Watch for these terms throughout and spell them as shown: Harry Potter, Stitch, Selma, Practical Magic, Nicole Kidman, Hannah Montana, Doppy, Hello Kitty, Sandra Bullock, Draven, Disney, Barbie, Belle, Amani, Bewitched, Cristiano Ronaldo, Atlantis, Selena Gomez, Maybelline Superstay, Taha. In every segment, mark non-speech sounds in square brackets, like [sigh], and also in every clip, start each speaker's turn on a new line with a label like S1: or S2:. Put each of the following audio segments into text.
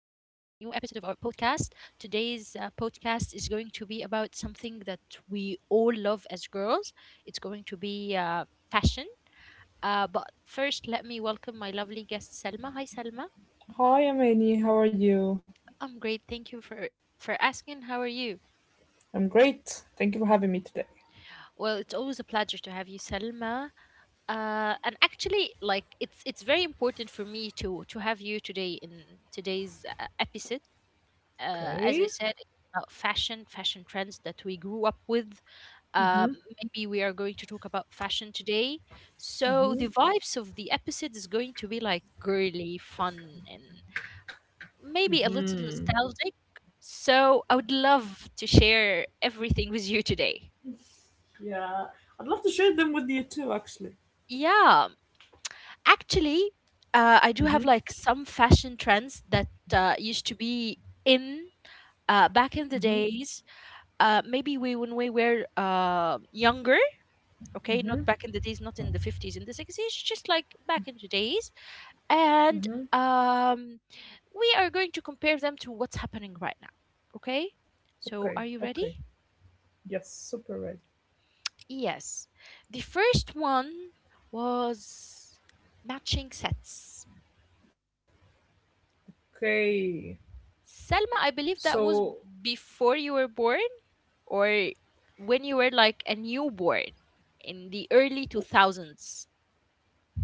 S1: episode of our podcast. Today's podcast is going to be about something that we all love as girls. It's going to be fashion. But first, let me welcome my lovely guest, Selma. Hi, Selma.
S2: Hi, I'm Annie. How are you?
S1: I'm great. Thank you for asking. How are you?
S2: I'm great. Thank you for having me today.
S1: Well, it's always a pleasure to have you, Selma. And actually, like it's very important for me to have you today in today's episode
S2: Okay.
S1: as I said, it's about fashion, fashion trends that we grew up with. Um, Maybe we are going to talk about fashion today. So the vibes of the episode is going to be like girly, fun, and maybe a little nostalgic. So I would love to share everything with you today.
S2: I'd love to share them with you too, actually.
S1: Yeah, actually, I do
S2: hmm
S1: have like some fashion trends that used to be in back in
S2: Mm-hmm.
S1: the days maybe we when we were younger, okay,
S2: Mm-hmm.
S1: not back in the days, not in the 50s, in the 60s, just like back in the days. And
S2: Mm-hmm.
S1: um, we are going to compare them to what's happening right now, okay?
S2: Okay.
S1: So are you
S2: Okay.
S1: ready?
S2: Yes. Super ready.
S1: Yes. The first one was matching sets.
S2: Okay.
S1: Selma, I believe that
S2: So,
S1: was before you were born or when you were like a newborn in the early
S2: w-
S1: 2000s.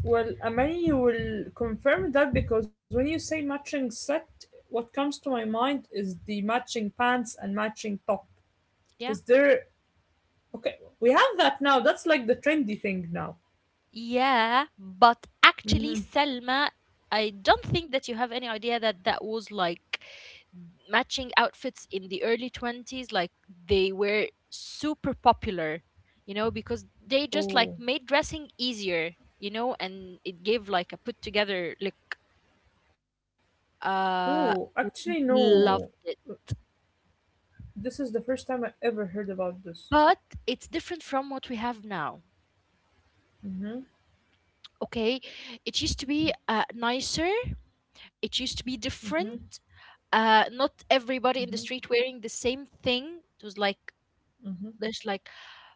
S2: well, Amani, you will confirm that because when you say matching set, what comes to my mind is the matching pants and matching top.
S1: Yeah.
S2: Is there? Okay. We have that now. That's like the trendy thing now.
S1: Yeah, but actually,
S2: Mm-hmm.
S1: Selma, I don't think that you have any idea that that was like matching outfits in the early 20s. Like they were super popular, you know, because they just like
S2: Oh.
S1: made dressing easier, you know, and it gave like a put together look. Uh,
S2: Oh,
S1: Mhm,
S2: actually,
S1: loved
S2: no.
S1: it.
S2: This is the first time I ever heard about
S1: But
S2: this.
S1: it's different from what we have now.
S2: Mhm,
S1: Okay, it used to be nicer, it used to be
S2: mhm,
S1: different. Not everybody in the street wearing the same thing. It was like
S2: mhm,
S1: there's like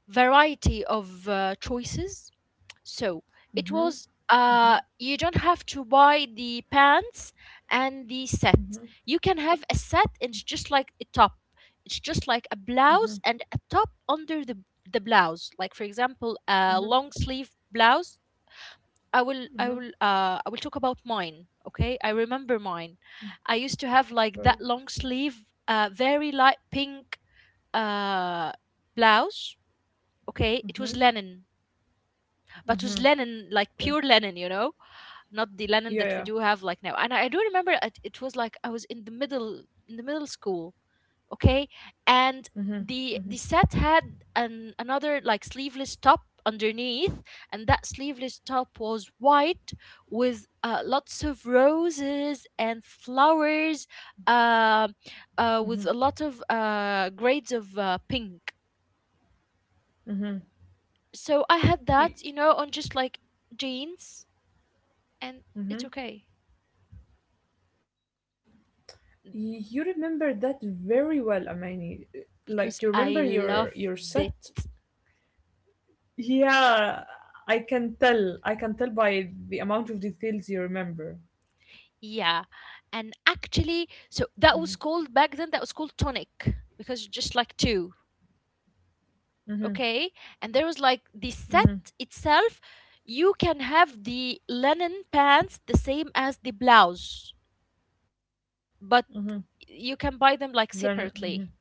S1: variety of choices. So it was
S2: mhm,
S1: you don't have to buy the pants and the set.
S2: mhm,
S1: You can have a set and it's just like a top. It's just like a blouse and
S2: mhm,
S1: a top under the blouse. Like for example, a long
S2: mhm,
S1: sleeve blouse, I will I will
S2: mhm.
S1: uh I will talk about mine. Okay, I remember mine. I used to have like that
S2: Okay.
S1: long sleeve, very light pink uh blouse. Okay, it was
S2: Mhm,
S1: linen, but it was
S2: mhm.
S1: linen like pure
S2: Okay.
S1: linen, you know, not the linen that we
S2: Yeah,
S1: do
S2: yeah.
S1: have like now. And I do remember it, it was like I was in the middle school, okay, and
S2: Mhm,
S1: the
S2: mhm,
S1: set had an another like sleeveless top underneath, and that sleeveless top was white with lots of roses and flowers uh,
S2: mhm,
S1: with a lot of grades of pink.
S2: mhm.
S1: So I had that, you
S2: Y-
S1: know, on just like jeans, and it's
S2: mhm.
S1: okay
S2: You remember that very well, Amani. Like you
S1: because
S2: remember
S1: I
S2: your
S1: loved
S2: your set.
S1: it.
S2: Yeah, I can tell. I can tell by the amount of details you remember.
S1: Yeah. And actually, so that was called back then, that was called tonic because it's just like two.
S2: Mm-hmm.
S1: Okay. And there was like the set itself, you can have the linen pants the same as the blouse,
S2: Mm-hmm.
S1: but you can buy them like
S2: Mm-hmm.
S1: separately.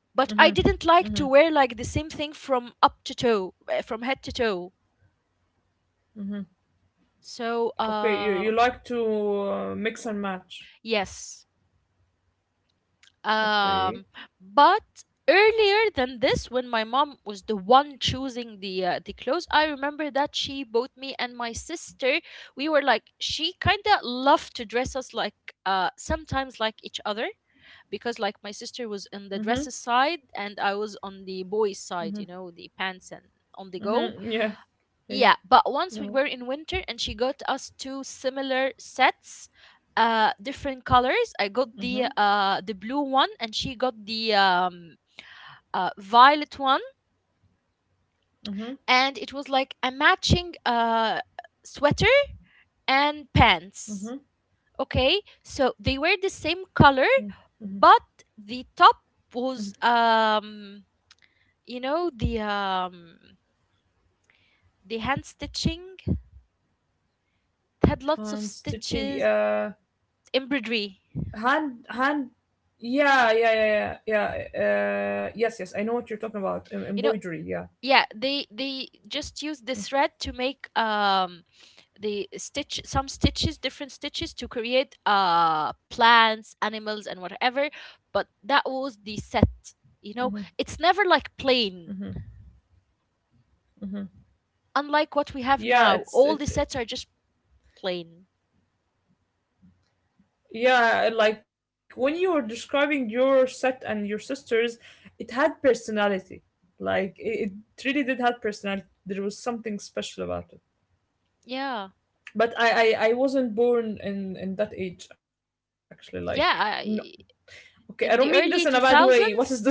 S2: Mm-hmm.
S1: But I didn't like
S2: Mm-hmm.
S1: to wear like the same thing from up to toe, from head to toe.
S2: Mm-hmm.
S1: So,
S2: Okay, you, you like to mix and match.
S1: yes.
S2: Okay.
S1: Um, but earlier than this, when my mom was the one choosing the clothes, I remember that she bought me and my sister. We were like she kind of loved to dress us like sometimes like each other, because like my sister was
S2: Mm-hmm.
S1: on the dresses side and I was on the boys
S2: Mm-hmm.
S1: side, you know, the pants and on the go.
S2: Mm-hmm. Yeah. Yeah.
S1: Yeah, but once we were
S2: No.
S1: in winter and she got us two similar sets, different colors. I
S2: Mm-hmm.
S1: got the blue one and she got the violet one,
S2: Mm-hmm.
S1: and it was like a matching sweater and pants.
S2: Mm-hmm.
S1: Okay, so they were the same color,
S2: Mm-hmm.
S1: but the top
S2: Mm-hmm.
S1: was you know the hand stitching, it had lots of
S2: Hand stitching.
S1: stitches,
S2: Uh,
S1: embroidery,
S2: hand hand. Yeah. Yeah. Yeah. Yeah. Yes. Yes. I know what you're talking about.
S1: you know.
S2: Embroidery. Yeah.
S1: Yeah, they just use the thread to make the stitch some stitches, different stitches, to create plants, animals, and whatever. But that was the set, you know, it's never like plain, unlike what we have
S2: Yeah.
S1: now,
S2: It's
S1: all the
S2: it.
S1: sets are just plain.
S2: Yeah, like when you were describing your set and your sisters, it had personality. Like it, it really did have personality. There was something special about it.
S1: Yeah,
S2: But I wasn't born in that age, actually. Like no,
S1: yeah, I,
S2: okay, I don't mean this in a
S1: in the
S2: bad
S1: early
S2: way. What is this?
S1: 2000s,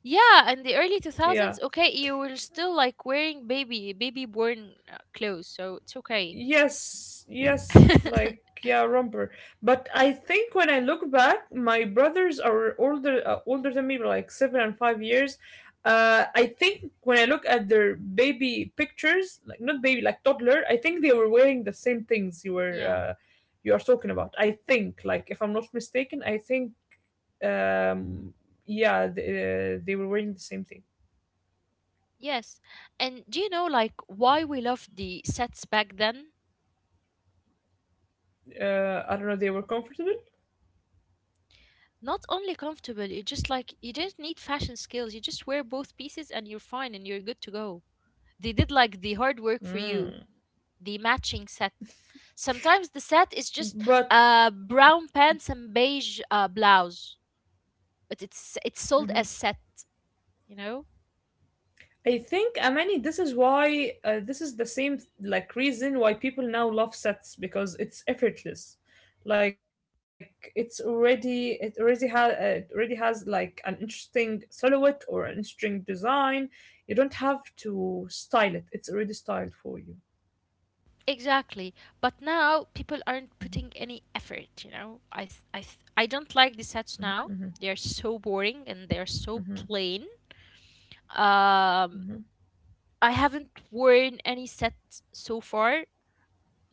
S1: yeah, in the early
S2: [laughs] yeah.
S1: 2000s, okay, you were still like wearing baby born clothes, so it's okay. [laughs]
S2: Romper. But I think when I look back, my brothers are older older than me by like 7 and 5 years. I think when I look at their baby pictures, like not baby, like toddler, I think they were wearing the same things you were
S1: Yeah.
S2: you are talking about. I think, like if I'm not mistaken, I think um yeah, they were wearing the same thing.
S1: Yes. And do you know like why we loved the sets back then?
S2: I don't know, they were comfortable.
S1: Not only comfortable, you just like you didn't need fashion skills. You just wear both pieces and you're fine and you're good to go. They did like the hard work for you,
S2: Mm.
S1: the matching set. Sometimes the set is just
S2: But
S1: brown pants and beige blouse, but it's sold as set, you know?
S2: I think, Amani, this is why this is the same like reason why people now love sets, because it's effortless. Like it already has like an interesting silhouette or an interesting design. You don't have to style it. It's already styled for you.
S1: Exactly. But now people aren't putting any effort, you know. I s- I th- I don't like the sets now. They are so boring and they are so plain. Um
S2: hmm
S1: I haven't worn any sets so far,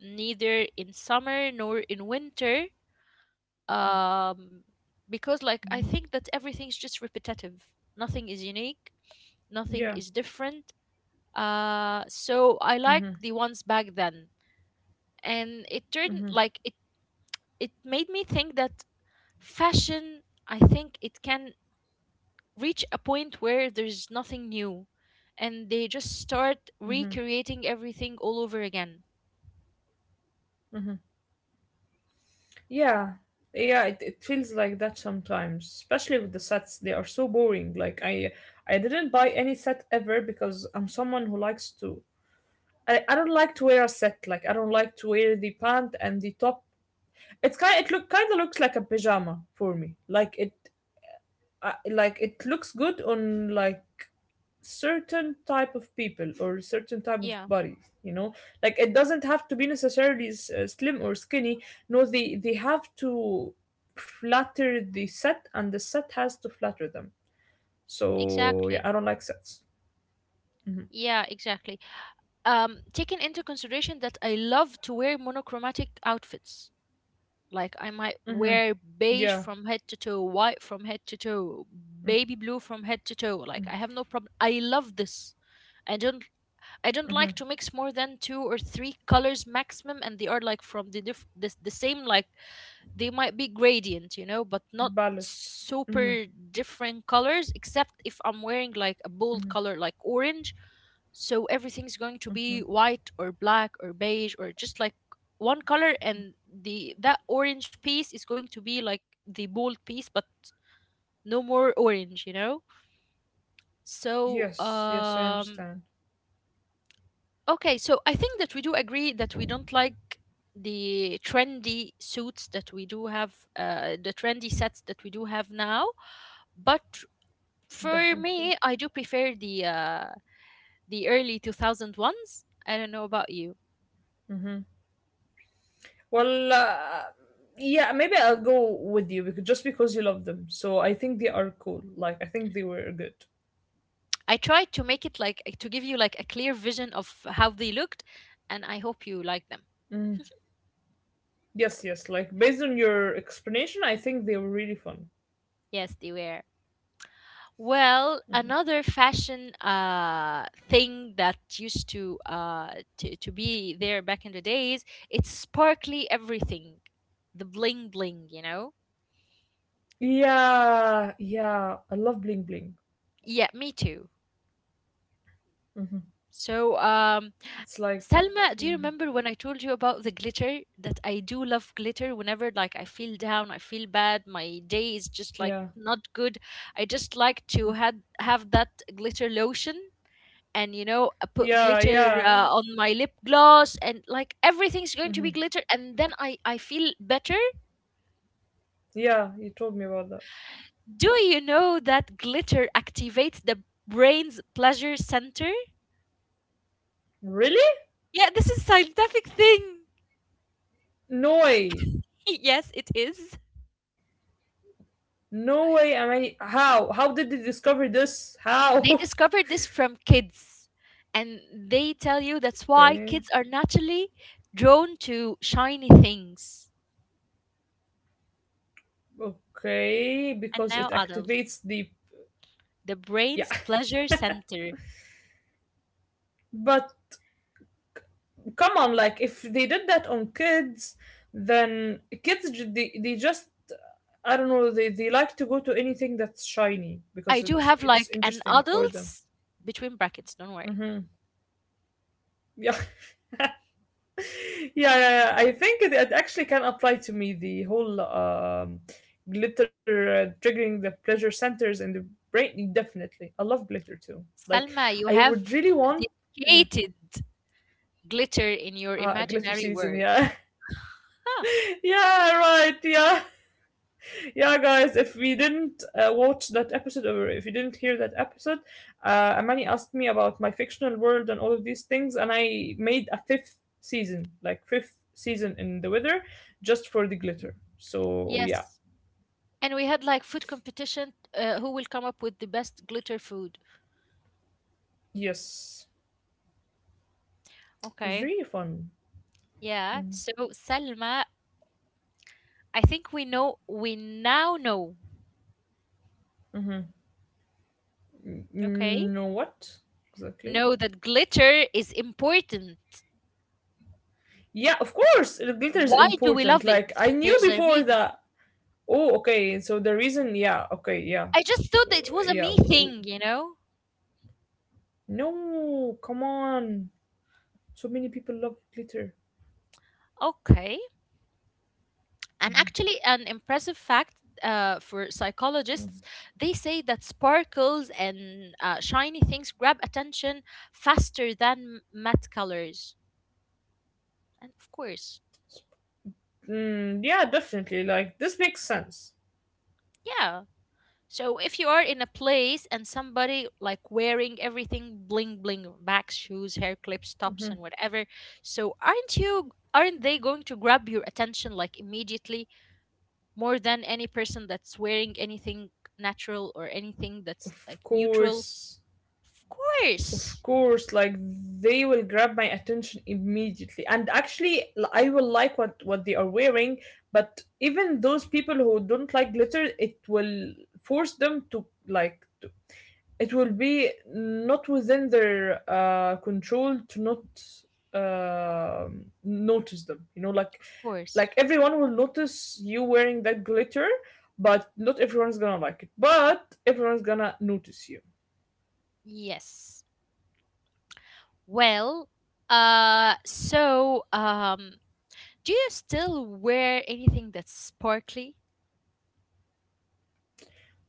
S1: neither in summer nor in winter. Um because
S2: hmm
S1: like I think that everything's just repetitive. Nothing is unique, nothing
S2: Yeah,
S1: is different. So I like the ones back then, and it turned like it made me think that fashion, I think it can reach a point where there's nothing new and they just start recreating everything all over again.
S2: yeah, yeah. It feels like that sometimes, especially with the sets. They are so boring. I didn't buy any set ever, because I'm someone who likes to I don't like to wear a set. Like I don't like to wear the pant and the top. It's kind. It look kind of looks like a pajama for me. Like it looks good on like certain type of people or certain type of
S1: Yeah,
S2: bodies, you know, like it doesn't have to be necessarily slim or skinny. No, they have to flatter the set, and the set has to flatter them. So yeah,
S1: exactly.
S2: I don't like sets.
S1: Yeah, exactly. um Taking into consideration that I love to wear monochromatic outfits, like I might wear beige
S2: Yeah
S1: from head to toe, white from head to toe, baby blue from head to toe, like I have no problem, I love this. i don't I don't like to mix more than two or three colors maximum, and they are like from the same like, they might be gradient, you know, but not
S2: ballet hmm
S1: super different colors. Except if I'm wearing like a bold color like orange, so everything's going to be white or black or beige or just like one color, and the that orange piece is going to be like the bold piece, but no more orange, you know. So
S2: yes yes I understand.
S1: okay, so I think that we do agree that we don't like the trendy suits that we do have, the trendy sets that we do have now. But for
S2: Definitely.
S1: me, I do prefer the early 2000 ones. I don't know about you.
S2: Well, uh, yeah, maybe I'll go with you, because just because you love them. So I think they are cool. Like I think they were good.
S1: I tried to make it like to give you like a clear vision of how they looked, and I hope you like them.
S2: Yes, yes. Like based on your explanation, I think they were really fun.
S1: Yes, they were. Well, another fashion thing that used to, to be there back in the days, it's sparkly everything, the bling bling, you know.
S2: Yeah, yeah. I love bling bling.
S1: Yeah, me too.
S2: hmm
S1: So,
S2: It's like,
S1: Salma, do you
S2: mhm,
S1: remember when I told you about the glitter? That I do love glitter. Whenever like I feel down, I feel bad, my day is just like
S2: yeah,
S1: not good. I just like to had have that glitter lotion and you know put
S2: yeah,
S1: glitter
S2: yeah,
S1: on my lip gloss, and like everything's going to be
S2: hmm
S1: glitter, and then I feel better.
S2: yeah. You told me about that.
S1: Do you know that glitter activates the brain's pleasure center?
S2: Really?
S1: Yeah, this is scientific thing.
S2: No way.
S1: [laughs] Yes it is.
S2: No way. I mean, how? How did they discover this? How? [laughs]
S1: They discovered this from kids, and they tell you that's why
S2: Okay.
S1: kids are naturally drawn to shiny things,
S2: Okay,
S1: and
S2: because
S1: now
S2: it
S1: adults,
S2: activates the
S1: the
S2: yeah.
S1: brain's pleasure center.
S2: [laughs] But come on, like if they did that on kids, then they just, I don't know, they like to go to anything that's shiny because
S1: I do
S2: it's
S1: have
S2: it's
S1: like an
S2: interesting for them.
S1: adults between brackets, don't worry.
S2: hmm Yeah. [laughs] yeah, yeah, yeah. I think it actually can apply to me, the whole glitter triggering the pleasure centers in the brain. Definitely, I love glitter too. Like
S1: Salma, you
S2: I
S1: have
S2: would really want yeah.
S1: dedicated glitter in your
S2: A glitter
S1: imaginary
S2: season,
S1: world.
S2: yeah. [laughs]
S1: Huh,
S2: yeah, right. Yeah, yeah, guys. If we didn't watch that episode, or if you didn't hear that episode, Amani asked me about my fictional world and all of these things, and I made a fifth season, like fifth season in the weather, just for the glitter. So yeah,
S1: yes. And we had like food competition who will come up with the best glitter food.
S2: yes, it was
S1: Okay.
S2: really fun.
S1: Yeah. So Salma, I think we now know,
S2: Mm-hmm.
S1: okay?
S2: No, what exactly?
S1: Know that glitter is important.
S2: Yeah, of course, the glitter is
S1: Why do we
S2: important.
S1: love it?
S2: Like I knew
S1: There's a
S2: before
S1: reason.
S2: that. Oh, okay. So the reason, yeah, okay, yeah,
S1: I just thought that it was a me
S2: yeah.
S1: thing, you know?
S2: No, come on. So many people love glitter.
S1: Okay. And actually, an impressive fact for psychologists, they say that sparkles and shiny things grab attention faster than matte colors. And of course,
S2: Mm, yeah, definitely. Like, this makes sense.
S1: yeah. So if you are in a place and somebody like wearing everything bling bling, bags, shoes, hair clips, tops, and whatever, so aren't you? Aren't they going to grab your attention like immediately more than any person that's wearing anything natural or anything that's
S2: Of
S1: like neutral?
S2: course.
S1: Of
S2: Of
S1: course.
S2: course. Like, they will grab my attention immediately. And actually, I will like what they are wearing. But even those people who don't like glitter, it will force them to, like, to, it will be not within their control to not uh notice them. You know,
S1: Of course.
S2: like everyone will notice you wearing that glitter, but not everyone's gonna like it. But everyone's gonna notice you.
S1: Yes. Well, uh so um do you still wear anything that's sparkly?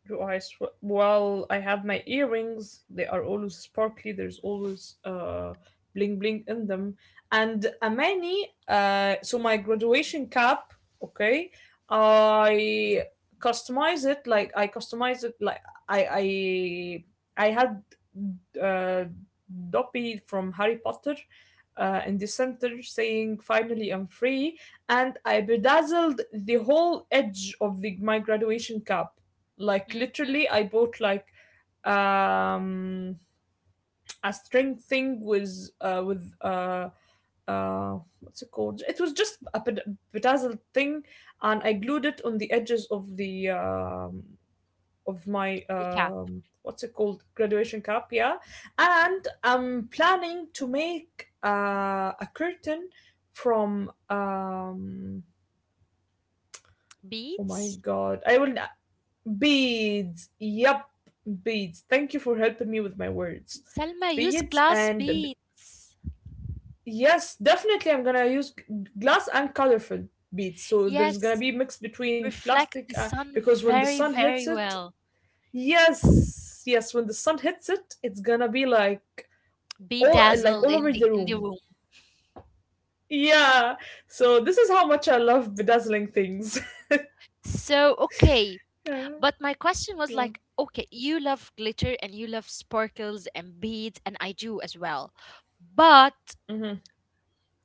S2: Well, I have my earrings. They are always sparkly. There's always bling bling in them. And Amani, so my graduation cap, okay, I customize it like I customize it like I I I had uh Doppy from Harry Potter in the center, saying "Finally, I'm free," and I bedazzled the whole edge of the my graduation cap. Like
S1: Mm-hmm.
S2: literally, I bought like um a string thing with uh with uh what's it called? It was just a bedazzled thing, and I glued it on the edges of the of my
S1: The cap.
S2: what's it called, graduation cap, yeah. And I'm planning to make a curtain from um oh my
S1: Beads?
S2: god I will beads. Yup, beads. Thank you for helping me with my words.
S1: Selma, use
S2: Beads
S1: glass
S2: and b-
S1: beads.
S2: yes, definitely I'm gonna use glass and colorful beads. So there's gonna
S1: Yes.
S2: be mix between
S1: Reflect
S2: plastic
S1: the sun
S2: because when the
S1: very,
S2: sun hits
S1: very
S2: it,
S1: well.
S2: yes, yes, when the sun hits it, it's gonna be
S1: Be
S2: like
S1: dazzled
S2: all over the
S1: in the
S2: room.
S1: room.
S2: Yeah. So this is how much I love bedazzling things.
S1: So okay.
S2: [laughs] yeah.
S1: But my question was
S2: Yeah.
S1: like, okay, you love glitter and you love sparkles and beads, and I do as well. But
S2: hmm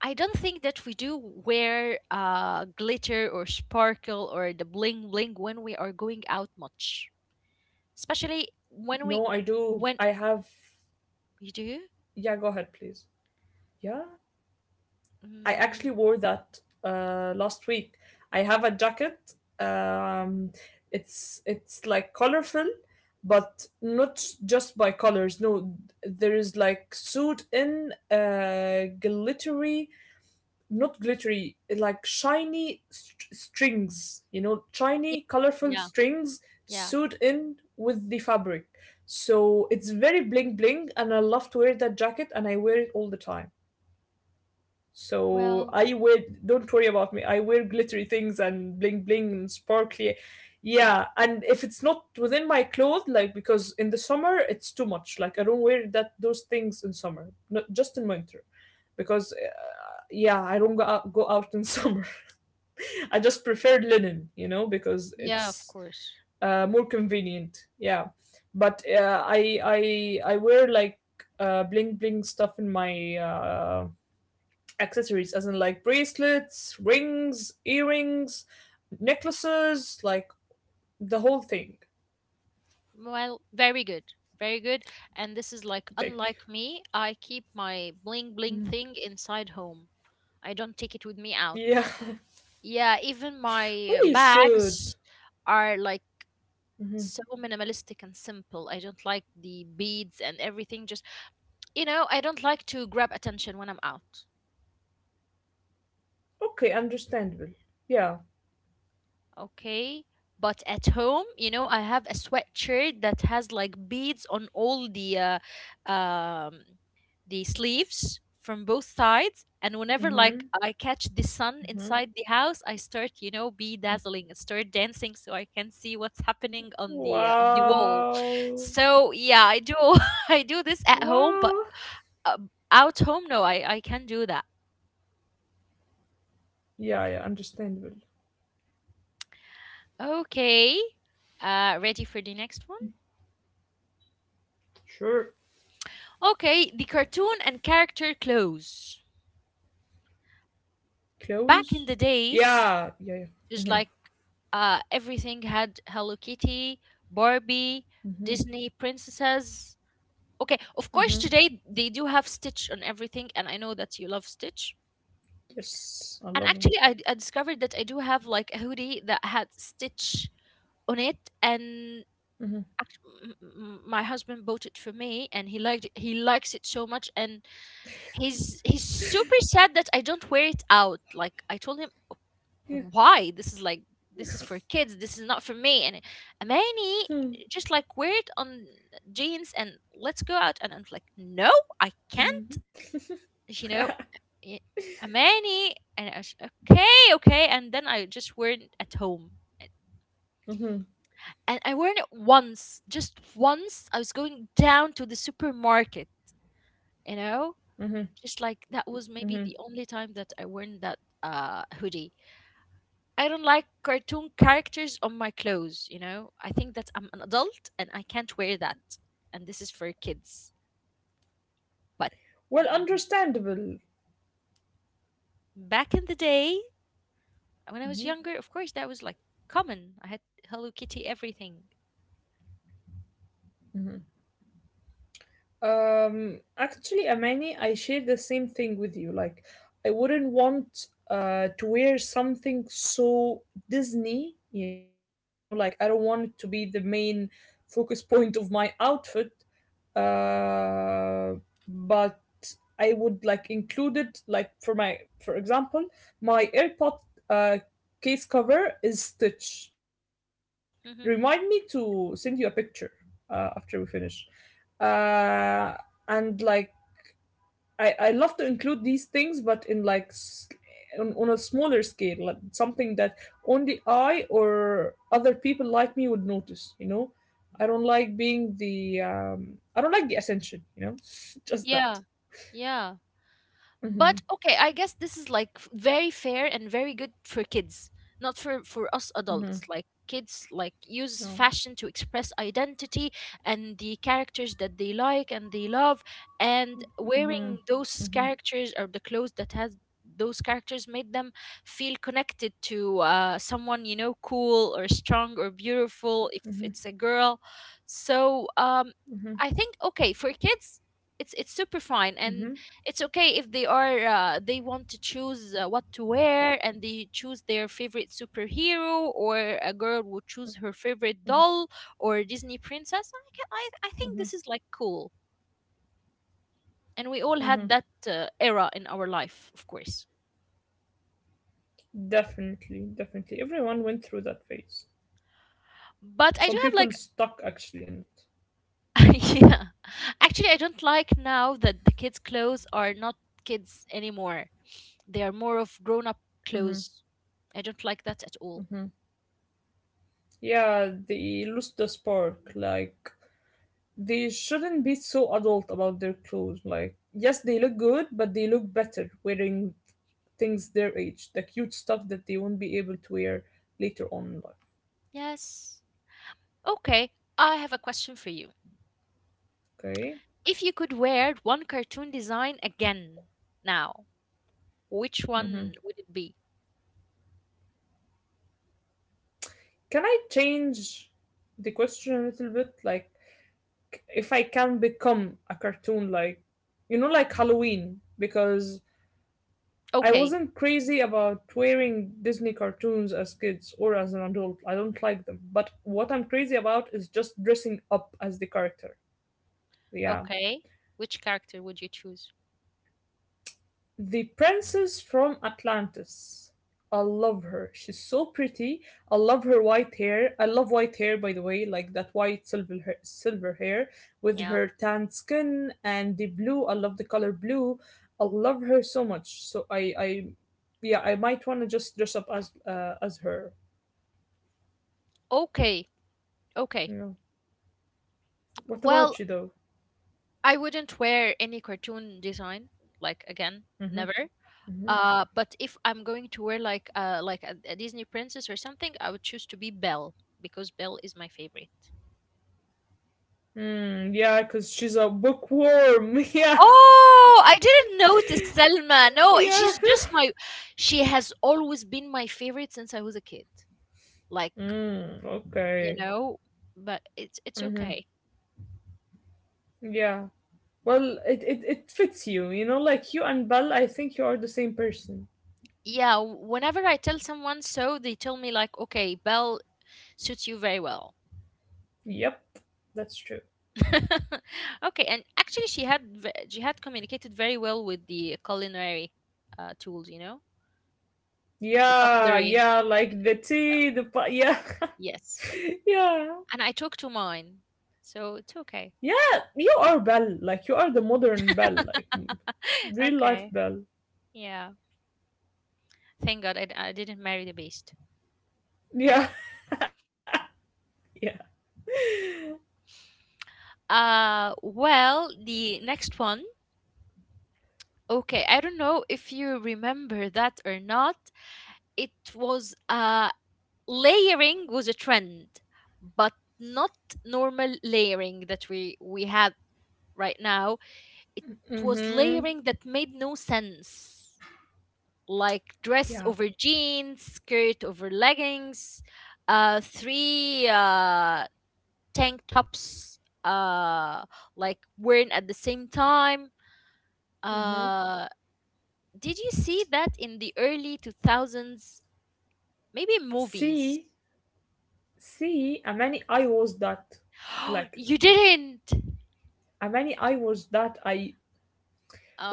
S1: I don't think that we do wear glitter or sparkle or the bling bling when we are going out much, especially
S2: No, I
S1: when we
S2: do. I
S1: when
S2: have.
S1: you do.
S2: Yeah, go ahead, please. Yeah. I actually
S1: Mm,
S2: wore that last week. I have a jacket. Um, it's like colorful, but not just by colors. No, there is like sewed in glittery, not glittery, like shiny strings. You know,
S1: yeah,
S2: shiny, colorful
S1: yeah,
S2: strings
S1: yeah.
S2: sewed in with the fabric. So it's very bling bling, and I love to wear that jacket, and I wear it all the time. So
S1: Well,
S2: I wear, don't worry about me. I wear glittery things and bling bling and sparkly. Yeah, and if it's not within my clothes, like because in the summer it's too much. Like I don't wear that those things in summer, not just in winter, because yeah, I don't go out in [laughs] summer. I just prefer linen, you know, because
S1: yeah, of
S2: it's
S1: course.
S2: more convenient. Yeah, but I wear like bling bling stuff in my accessories, as in like bracelets, rings, earrings, necklaces, like the whole thing.
S1: Well, very good, very good. And this is like
S2: I think.
S1: unlike me. I keep my bling bling thing inside home. I don't take it with me
S2: Yeah.
S1: out. Yeah, even
S2: [laughs] well,
S1: my
S2: you should.
S1: bags are like so minimalistic and simple. I don't like the beads and everything. Just, I don't like to grab attention when I'm out.
S2: Okay, understandable. Yeah.
S1: Okay. But at home, you know, I have a sweatshirt that has like beads on all uh, um, the sleeves from both sides. And whenever like
S2: Mhm.
S1: I catch the sun
S2: Mhm.
S1: inside the house, I start, you know, bedazzling and start dancing so I can see what's happening on the wall.
S2: Wow.
S1: So yeah, I do [laughs] I do this at
S2: Wow.
S1: home, but uh, out home, no, I can do that.
S2: Yeah, yeah, understandable.
S1: Okay. Ready for the next one?
S2: Sure.
S1: Okay, the cartoon and character clothes. Back in
S2: Clothes.
S1: the days,
S2: Yeah, yeah, yeah.
S1: just like everything had Hello Kitty, Barbie, Disney princesses. Okay, of course, today they do have Stitch on everything, and I know that you love Stitch. And
S2: Yes, I
S1: actually,
S2: love
S1: I
S2: them.
S1: discovered that I do have like a hoodie that had Stitch on it, and my husband bought it for me, and he liked it. He likes it so much, and he's super sad that I don't wear it out. Like I told him,
S2: Yeah.
S1: why? This is like this is for kids. This is not for me. And Amani just like wear it on jeans and let's go out. And I'm like, no, I can't. You know, y- Amani. And I was like, okay, okay. And then I just wear it at home.
S2: Mhm.
S1: And I wore it once, just once. I was going down to the supermarket, you know, just like that was maybe
S2: Mhm.
S1: the only time that I worn that hoodie. I don't like cartoon characters on my clothes, you know? I think that I'm an adult and I can't wear that. And this is for kids. But
S2: Well, understandable.
S1: back in the day, when I was younger,
S2: hmm
S1: of course that was like common. I had Hello Kitty everything.
S2: Actually, Amani, I share the same thing with you. Like, I wouldn't want to wear something so Disney, you know, like I don't want it to be the main focus point of my outfit, uh, but I would like include it like for my, for example, my AirPod uh, case cover is stitched. Remind
S1: hmm
S2: me to send you a picture after we finish. Uh, and like I love to include these things, but in like on a smaller scale, like something that only I or other people like me would notice. You know, I don't like being the I don't like the attention. You know, [laughs] just
S1: Yeah.
S2: that.
S1: Yeah. But
S2: Mm-hmm.
S1: okay, I guess this is like very fair and very good for kids, not for us adults. Like
S2: Mm-hmm.
S1: kids like use fashion
S2: No.
S1: to express identity and the characters that they like and they love, and wearing
S2: Mm-hmm.
S1: those
S2: Mm-hmm.
S1: characters or the clothes that has those characters made them feel connected to someone you know cool or strong or beautiful if
S2: Mm-hmm.
S1: it's a girl. So
S2: Mm-hmm.
S1: I think okay, for kids it's super fine, and
S2: Mm-hmm.
S1: it's okay if they are they want to choose what to wear, and they choose their favorite superhero, or a girl would choose her favorite doll or Disney princess.
S2: Mm-hmm.
S1: I think this is like cool,
S2: Mm-hmm.
S1: and we all had that era in our life, of course.
S2: Definitely, definitely. Everyone went through that phase. Some people
S1: But I do
S2: stuck
S1: have like
S2: actually in it.
S1: [laughs] yeah, actually I don't like now that the kids clothes are not kids anymore. They are more of grown up
S2: Mm-hmm.
S1: clothes. I don't like that at all.
S2: Mm-hmm. Yeah, they lost the spark. Like they shouldn't be so adult about their clothes. Like, yes, they look good, but they look better wearing things their age, the cute stuff that they won't be able to wear later on in life.
S1: Yes. Okay, I have a question for you.
S2: Okay?
S1: If you could wear one cartoon design again now, which one
S2: hmm
S1: would it be?
S2: Can I change the question a little bit? Like, if I can become a cartoon, like, you know, like Halloween, because I
S1: Okay,
S2: wasn't crazy about wearing Disney cartoons as kids or as an adult. I don't like them. But what I'm crazy about is just dressing up as the character. Yeah.
S1: okay. Which character would you choose?
S2: The princess from Atlantis. I love her. She's so pretty. I love her white hair. I love white hair, by the way, like that white silver hair with
S1: Yeah.
S2: her tanned skin and the blue. I love the color blue. I love her so much. So yeah, I might want to just dress up as her.
S1: Okay, okay.
S2: Yeah. What
S1: Well,
S2: about you though?
S1: I wouldn't wear any cartoon design, like again,
S2: Mm-hmm.
S1: never. But if I'm going to wear like a Disney princess or something, I would choose to be Belle because Belle is my favorite.
S2: Mm, yeah, because she's a bookworm. [laughs] yeah.
S1: Oh, I didn't notice Selma. No,
S2: Yeah.
S1: she's just
S2: [laughs]
S1: my. She has always been my favorite since I was a kid. Like
S2: Mm,
S1: you
S2: okay.
S1: know, but it's
S2: Mm-hmm.
S1: okay.
S2: Yeah. Well, it fits you, like you and Belle, I think you are the same person.
S1: Yeah, whenever I tell someone so, they tell me like, "Okay, Belle suits you very well."
S2: Yep. That's true.
S1: [laughs] Okay, and actually, she had communicated very well with the culinary tools. You know, the
S2: Yeah,
S1: cutlery.
S2: yeah, like the
S1: Yeah.
S2: tea, yeah.
S1: Yes,
S2: [laughs] yeah,
S1: and I took to mine, so it's okay.
S2: yeah. You are Belle, like you are the modern Belle, like
S1: [laughs]
S2: real life
S1: Okay,
S2: Belle.
S1: yeah. Thank God I didn't marry the beast.
S2: Yeah, [laughs] yeah.
S1: Well, the next one. Okay, I don't know if you remember that or not. It was layering was a trend, but not normal layering that we have right now. It was
S2: Mm-hmm.
S1: layering that made no sense, like dress
S2: Yeah.
S1: over jeans, skirt over leggings, three tank tops uh like wearing at the same time.
S2: Mm-hmm.
S1: uh did you see that in the early 2000s, maybe in movies?
S2: See. See, many I was that.
S1: [gasps]
S2: Like,
S1: You didn't.
S2: many I was that I.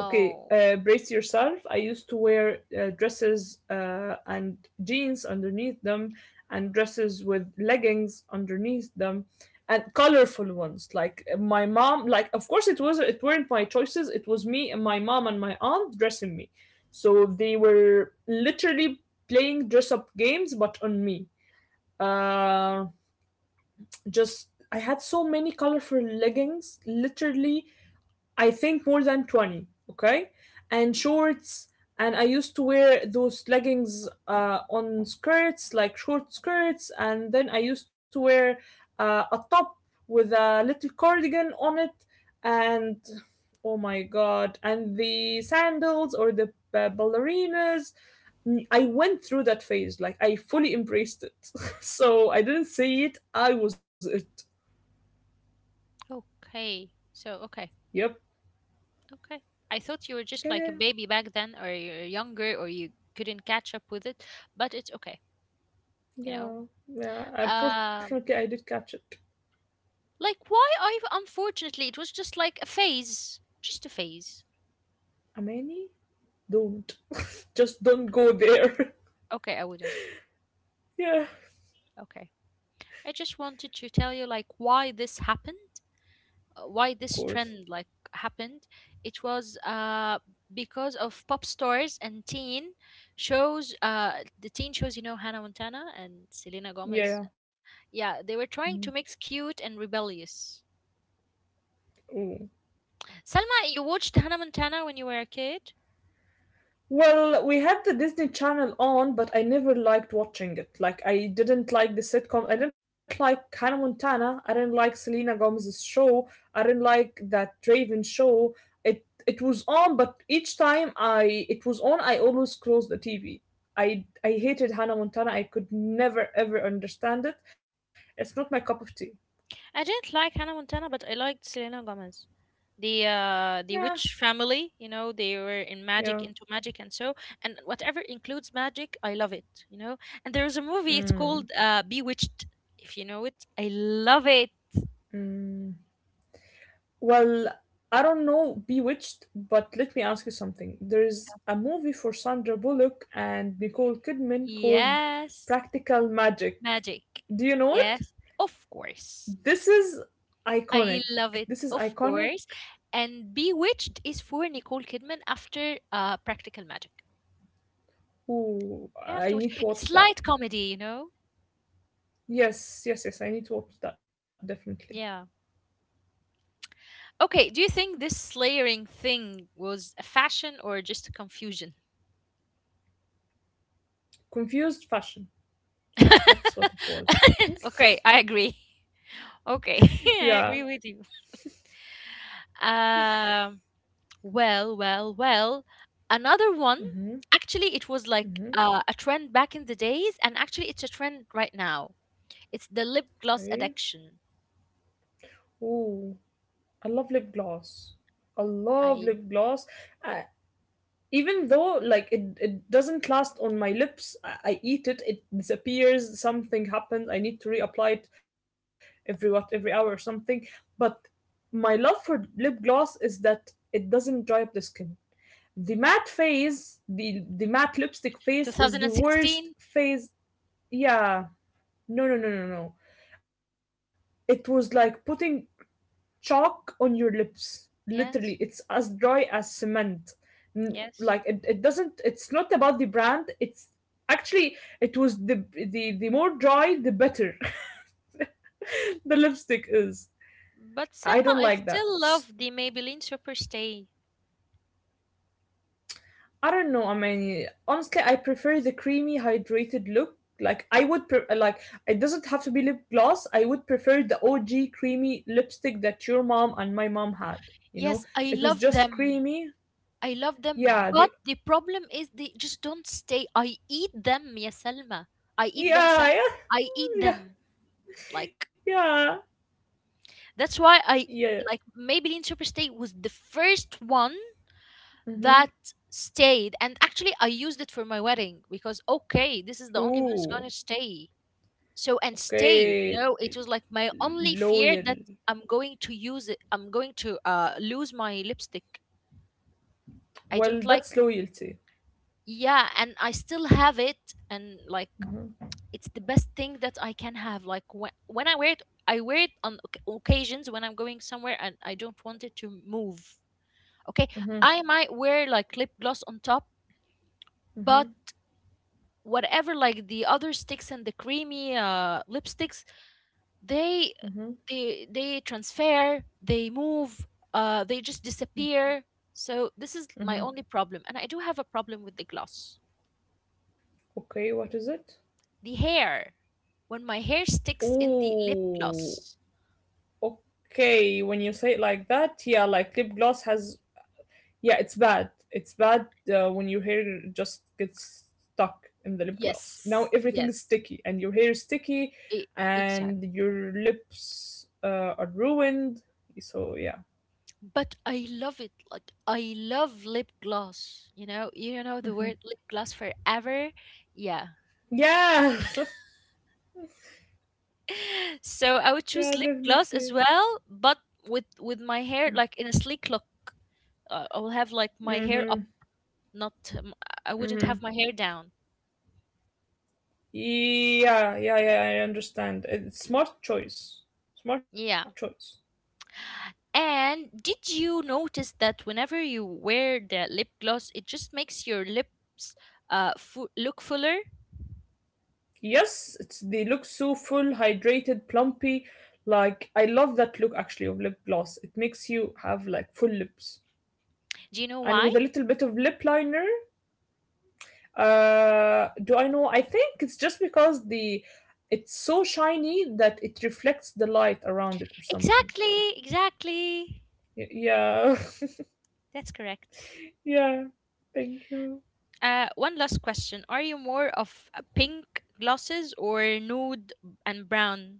S2: Okay, brace yourself. I used to wear dresses and jeans underneath them, and dresses with leggings underneath them, and colorful ones. Like my mom. Like, of course, it was. It weren't my choices. It was me and my mom and my aunt dressing me. So they were literally playing dress up games, but on me. Uh. Just I had so many colorful leggings, literally, I think more than 20, okay? And shorts, and I used to wear those leggings on skirts, like short skirts, and then I used to wear a top with a little cardigan on it, and oh my god, and the sandals or the ballerinas. I went through that phase, like I fully embraced it. [laughs] So I didn't see it, I was it.
S1: okay. So, okay,
S2: Yep.
S1: okay. I thought you were just like a
S2: Yeah,
S1: baby back then, or you're younger, or you couldn't catch up with it, but it's okay, you know.
S2: yeah, yeah. Unfortunately, I
S1: Um,
S2: did catch it.
S1: like, why I, unfortunately, it was just like a phase, just a phase.
S2: Amani, don't. [laughs] Just don't go there. [laughs]
S1: Okay, I wouldn't.
S2: yeah, of
S1: Okay. I just wanted to tell you like why this happened, why this
S2: course.
S1: trend like happened. It was because of pop stars and teen shows. The teen shows, you know, Hannah Montana and Selena
S2: Yeah.
S1: Gomez.
S2: yeah.
S1: Yeah, they were
S2: Mhm.
S1: trying to mix cute and rebellious.
S2: Oh,
S1: Salma, you watched Hannah Montana when you were a kid?
S2: well, we had the Disney Channel on, but I never liked watching it. Like, I didn't like the sitcom. I didn't like Hannah Montana. I didn't like Selena Gomez's show. I didn't like that Draven show. It was on, but each time I it was on, I always closed the TV. I hated Hannah Montana. I could never ever understand it. It's not my cup of tea.
S1: I didn't like Hannah Montana, but I liked Selena Gomez. The
S2: Yeah,
S1: witch family, you know, they were in
S2: yeah.
S1: magic into magic and so, and whatever includes magic, I love it, you know. And there is a movie, it's
S2: Mm.
S1: called Bewitched, if you know it. I love it.
S2: Mm. Well, I don't know Bewitched, but let me ask you something. There's a movie for Sandra Bullock and Nicole Kidman called
S1: Yes.
S2: Practical Magic.
S1: Magic.
S2: Do you know it?
S1: Yes. Of course.
S2: This is
S1: I
S2: iconic.
S1: love it,
S2: This is
S1: of
S2: iconic.
S1: course. And Bewitched is for Nicole Kidman after Practical Magic.
S2: Ooh,
S1: You have to
S2: I
S1: watch.
S2: need to
S1: It's
S2: watch that.
S1: light comedy, you know?
S2: Yes, yes, yes, I need to watch that definitely.
S1: Yeah. Okay, do you think this layering thing was a fashion or just a confusion?
S2: Confused Fashion. That's
S1: [laughs]
S2: what it was.
S1: okay, I agree. Okay, [laughs]
S2: [laughs]
S1: I
S2: Yeah.
S1: agree with you. Um, well, well, well. Another one.
S2: Mm-hmm.
S1: Actually, it was like
S2: Mm-hmm.
S1: a trend back in the days, and actually, it's a trend right now. It's the lip gloss
S2: Okay.
S1: addiction.
S2: Ooh, I love lip gloss. I love
S1: I
S2: lip gloss. Uh, Even though, like, it doesn't last on my lips. I eat it disappears, something happens. I need to reapply it every, what, every hour or something. But my love for lip gloss is that it doesn't dry up the skin. The matte phase, the matte lipstick phase is the
S1: 2016.
S2: worst phase. Yeah, no, no, no, no, no. It was like putting chalk on your lips.
S1: Yes,
S2: Literally, it's as dry as cement.
S1: yes.
S2: Like it doesn't. It's not about the brand. It's Actually it was the more dry, the better [laughs] the lipstick is.
S1: But
S2: I
S1: Selma,
S2: don't
S1: I
S2: like that.
S1: still love the Maybelline Superstay.
S2: I don't know. I mean, honestly, I prefer the creamy, hydrated look. Like like it doesn't have to be lip gloss. I would prefer the OG creamy lipstick that your mom and my mom had. You know,
S1: Yes, I
S2: it was
S1: love
S2: just
S1: them.
S2: creamy.
S1: I love
S2: Yeah,
S1: them,
S2: the
S1: but the problem is they just don't stay. I eat them, ya Selma. I eat them. Sel.
S2: yeah,
S1: I eat
S2: yeah,
S1: them. Like
S2: yeah,
S1: that's why I
S2: yeah.
S1: like Maybelline Superstay was the first one
S2: Mm-hmm.
S1: that stayed, and actually I used it for my wedding because okay, this is the only one that's
S2: Ooh,
S1: gonna stay. So and stayed, you
S2: okay.
S1: know, it was like my only fear
S2: Loyal.
S1: that I'm going to use it. I'm going to lose my lipstick. I don't
S2: Well,
S1: like,
S2: that's loyalty.
S1: yeah, and I still have it. And like it's the best thing that I can have. Like when I wear it, I wear it on occasions when I'm going somewhere and I don't want it to move. Okay,
S2: Mm-hmm.
S1: I might wear like lip gloss on top,
S2: Mm-hmm.
S1: but whatever, like the other sticks and the creamy lipsticks, they
S2: Mm-hmm.
S1: they transfer, they move. They just disappear. So this is my
S2: Mm-hmm.
S1: only problem, and I do have a problem with the gloss.
S2: Okay, what is it?
S1: The hair. When my hair sticks in the lip
S2: Ooh,
S1: gloss.
S2: okay. When you say it like that, yeah, like lip gloss has yeah, it's bad. It's bad when your hair just gets stuck in the lip gloss. Now
S1: Yes.
S2: everything is
S1: Yes.
S2: sticky, and your hair is sticky,
S1: E- exact.
S2: and your lips are ruined. So yeah,
S1: But I love it. Like I love lip gloss. You know the word lip gloss forever. Yeah.
S2: yeah, [laughs]
S1: [laughs] So
S2: yeah,
S1: I would choose lip
S2: definitely.
S1: gloss as well, but with my hair like in a sleek look. I will have like my hair
S2: Mm-hmm.
S1: up, not um, I wouldn't
S2: Mm-hmm.
S1: have my hair down.
S2: Yeah, yeah, yeah. I understand. It's smart choice. Smart
S1: Yeah.
S2: choice.
S1: And did you notice that whenever you wear the lip gloss, it just makes your lips look fuller?
S2: Yes, it's they look so full, hydrated, plumpy. Like I love that look actually of lip gloss. It makes you have like full lips.
S1: Do you know
S2: And
S1: why?
S2: with a little bit of lip liner. Do I know? I think it's just because the it's so shiny that it reflects the light around it or something.
S1: Exactly, exactly.
S2: Yeah,
S1: That's correct.
S2: [laughs] yeah. Thank you.
S1: One last question: are you more of a pink glosses or nude and brown?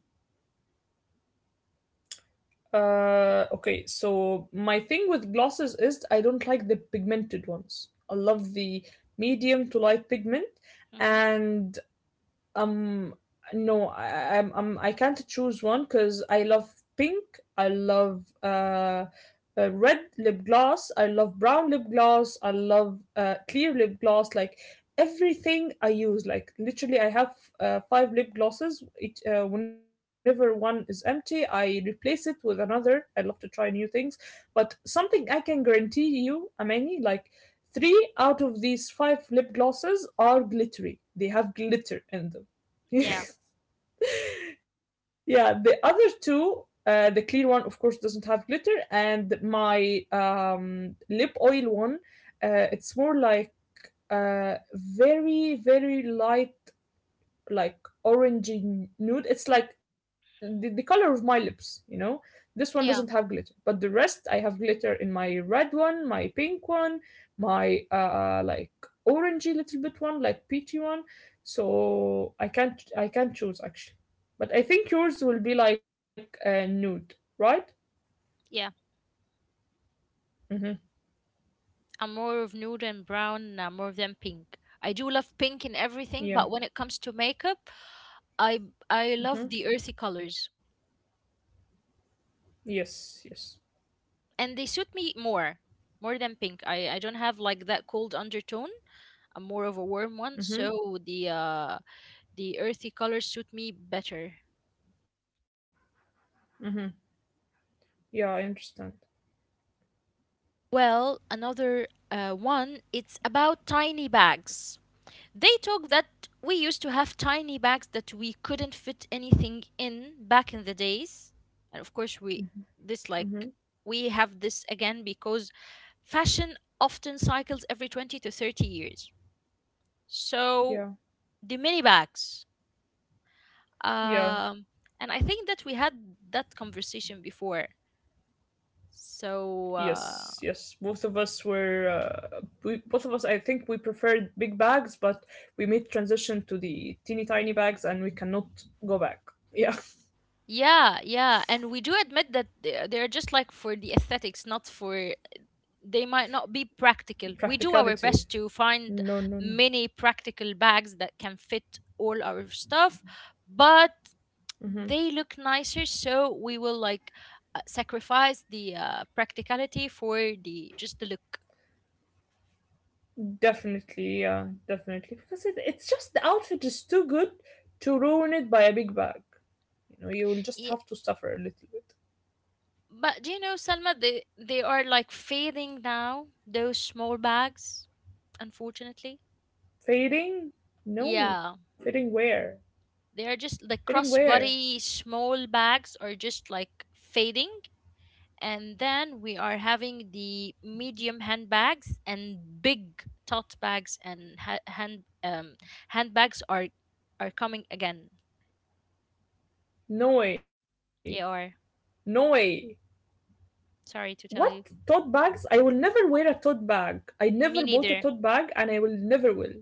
S2: Okay, so my thing with glosses is I don't like the pigmented ones. I love the medium to light pigment,
S1: Mm-hmm.
S2: and um no, I I'm I can't choose one because I love pink, I love red lip gloss, I love brown lip gloss, I love clear lip gloss, like everything I use, like literally I have five lip glosses, whenever one is empty I replace it with another, I love to try new things. But something I can guarantee you, amani, like three out of these five lip glosses are glittery, they have glitter in them.
S1: Yeah,
S2: [laughs] Yeah, the other two, the clear one, of course, doesn't have glitter, and my lip oil one, it's more like very, very light, like orangey nude. It's like the color of my lips, you know. This one doesn't have glitter,
S1: yeah,
S2: but the rest I have glitter in my red one, my pink one, my like orangey little bit one, like peachy one. So I can't choose actually. But I think yours will be like nude, right?
S1: yeah.
S2: Mm-hmm.
S1: I'm more of nude and brown, more than pink. I do love pink in everything,
S2: Yeah.
S1: but when it comes to makeup, I I
S2: Mm-hmm.
S1: love the earthy colors,
S2: Yes. Yes.
S1: and they suit me more, more than pink. I don't have like that cold undertone. I'm more of a warm one,
S2: Mm-hmm.
S1: so the earthy colors suit me better.
S2: Mm-hmm. Yeah, I understand.
S1: Well, another one, it's about tiny bags. They talk that we used to have tiny bags that we couldn't fit anything in back in the days, and of course we
S2: Mm-hmm.
S1: this like we have this again because fashion often cycles every 20 to 30 years. So
S2: Yeah.
S1: the mini bags.
S2: Yeah.
S1: Um, and I think that we had that conversation before. So
S2: Yes, yes. Both of us both of us, I think we preferred big bags, but we made transition to the teeny tiny bags and we cannot go back. Yeah,
S1: yeah, yeah, and we do admit that they're just like for the aesthetics, not for they might not be
S2: [laughs]
S1: practical. We do our
S2: practicality.
S1: best to find
S2: No, no, no.
S1: many practical bags that can fit all our stuff, but they look nicer, so we will like sacrifice the practicality for the just the look.
S2: Definitely, yeah, definitely. Because it's just the outfit is too good to ruin it by a big bag. You know, you will just have to suffer a little bit.
S1: But do you know, Selma, they are like fading now, those small bags, unfortunately.
S2: Fading? No.
S1: Yeah.
S2: Fading where?
S1: They are just the
S2: Fading where?
S1: crossbody small bags are just like fading. And then we are having the medium handbags and big tote bags, and handbags are coming again.
S2: No way.
S1: They are.
S2: No way.
S1: Sorry
S2: What
S1: to tell
S2: tote
S1: you.
S2: bags? I will never wear a tote bag. I never
S1: Me
S2: bought a tote
S1: neither.
S2: bag and I will never will.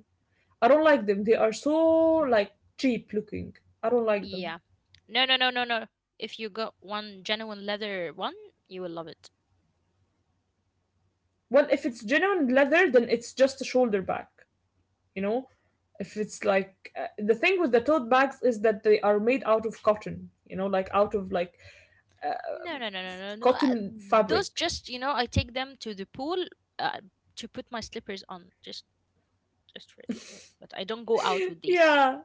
S2: I don't like them. They are so like cheap looking. I don't like
S1: Yeah.
S2: them.
S1: No, no, no, no, no. If you got one genuine leather one, you will love it.
S2: Well, if it's genuine leather, then it's just a shoulder bag, you know? If it's like The thing with the tote bags is that they are made out of cotton, you know, like out of like uh,
S1: No, no, no, no, no, no.
S2: cotton
S1: Those
S2: fabric.
S1: just, I take them to the pool uh, to put my slippers on, just for it. Like, but I don't go out with
S2: [laughs]
S1: these.
S2: Yeah.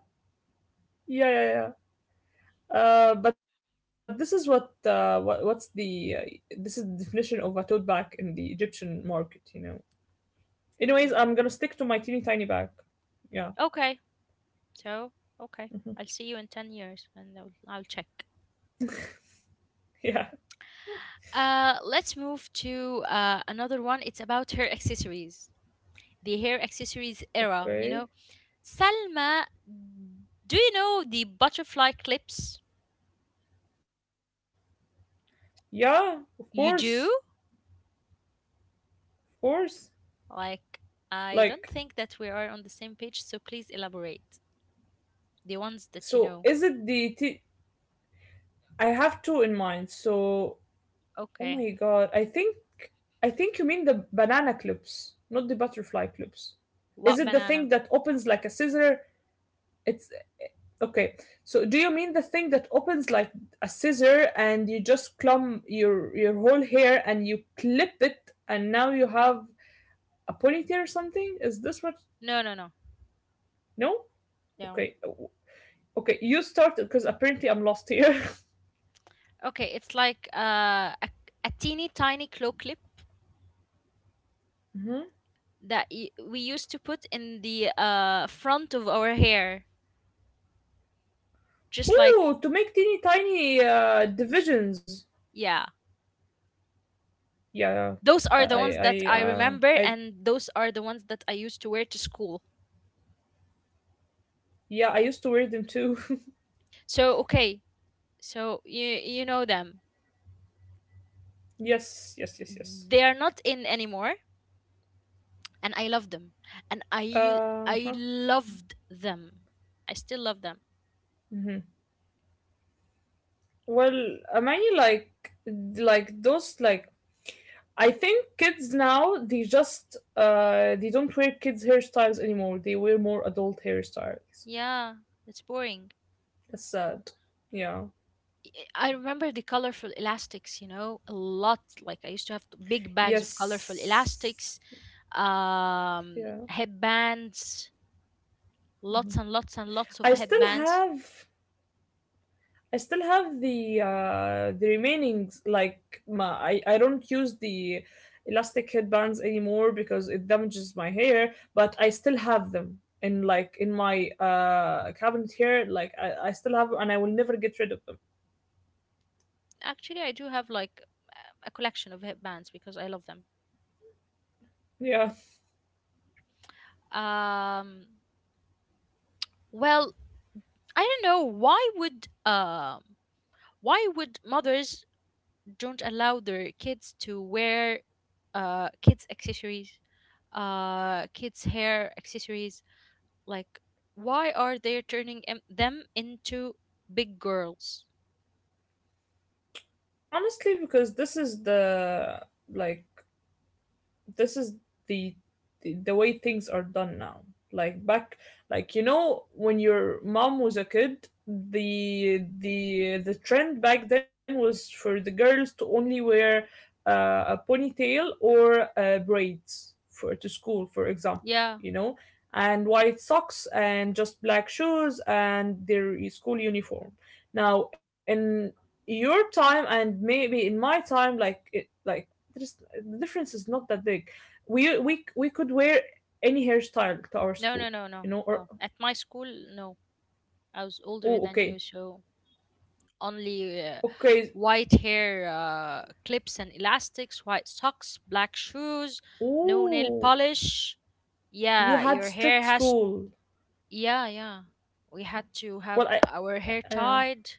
S2: Yeah, yeah, yeah. But this is the definition of a tote bag in the Egyptian market, you know. Anyways,
S1: Hmm.
S2: I'm gonna stick to my teeny tiny bag. Yeah,
S1: Okay. So, okay. I'll see you in 10 years, and I'll check.
S2: [laughs] yeah,
S1: Let's move to another one. It's about her accessories, the hair accessories era.
S2: okay,
S1: Salma, do you know the butterfly clips?
S2: yeah, of
S1: You
S2: course,
S1: do?
S2: of course.
S1: Like, I don't think
S2: Like,
S1: that we are on the same page, so please elaborate. The ones that you
S2: so
S1: know.
S2: is it the t- I have two in mind. So, oh
S1: Okay.
S2: my god, I think you mean the banana clips, not the butterfly clips. Is
S1: What
S2: it the
S1: banana?
S2: thing that opens like a scissor? It's Okay. So do you mean the thing that opens like a scissor and you just clump your whole hair and you clip it and now you have a ponytail or something? Is this what?
S1: No, no, no,
S2: No?
S1: no.
S2: Okay. Okay, you started because apparently I'm lost here.
S1: Okay, it's like a teeny tiny claw clip
S2: [laughs] hmm
S1: that we used to put in the front of our hair. Just like,
S2: Ooh, to make teeny tiny divisions.
S1: yeah.
S2: Yeah,
S1: Those
S2: I,
S1: are the
S2: I,
S1: ones that
S2: I,
S1: I
S2: uh,
S1: remember,
S2: I,
S1: and those are the ones that I used to wear to school.
S2: yeah, I used to wear them too. [laughs]
S1: So, okay. So, you know them.
S2: yes, yes, yes, yes.
S1: They are not in anymore and I love them, and
S2: Uh
S1: I
S2: huh.
S1: loved them. I still love them.
S2: hmm Well, I mean, like those, like I think kids now they just they don't wear kids hairstyles anymore. They wear more adult hairstyles.
S1: Yeah, it's boring.
S2: That's sad. Yeah.
S1: I remember the colorful elastics, a lot. Like I used to have big bags of colorful
S2: Yes.
S1: elastics,
S2: Yeah.
S1: headbands, lots and lots and lots of
S2: I still
S1: headbands.
S2: have I still have the remaining, like my I don't use the elastic headbands anymore because it damages my hair, but I still have them in my cabinet here. Like I still have and I will never get rid of them.
S1: Actually, I do have like a collection of headbands because I love them.
S2: Yeah.
S1: Um, Well, I don't know why would um why would mothers don't allow their kids to wear kids accessories kids hair accessories, like why are they turning them into big girls?
S2: Honestly, because like this is the, the way things are done now. Like back, like you know, when your mom was a kid, the trend back then was for the girls to only wear a ponytail or braids for to school for example,
S1: Yeah.
S2: you know. And white socks and just black shoes and their school uniform. Now in your time and maybe in my time, like there's, the difference is not that big. We could wear any hairstyle to our
S1: No, no,
S2: school,
S1: no, no,
S2: you know.
S1: no.
S2: Or
S1: At my school, no, I was older than
S2: oh,
S1: you,
S2: okay,
S1: so only
S2: okay.
S1: white hair clips and elastics, white socks, black shoes, no nail
S2: Oh,
S1: polish.
S2: you
S1: Yeah,
S2: had
S1: your hair
S2: strict
S1: has.
S2: school.
S1: Yeah, yeah. We had to have
S2: Well,
S1: our hair
S2: uh,
S1: tied.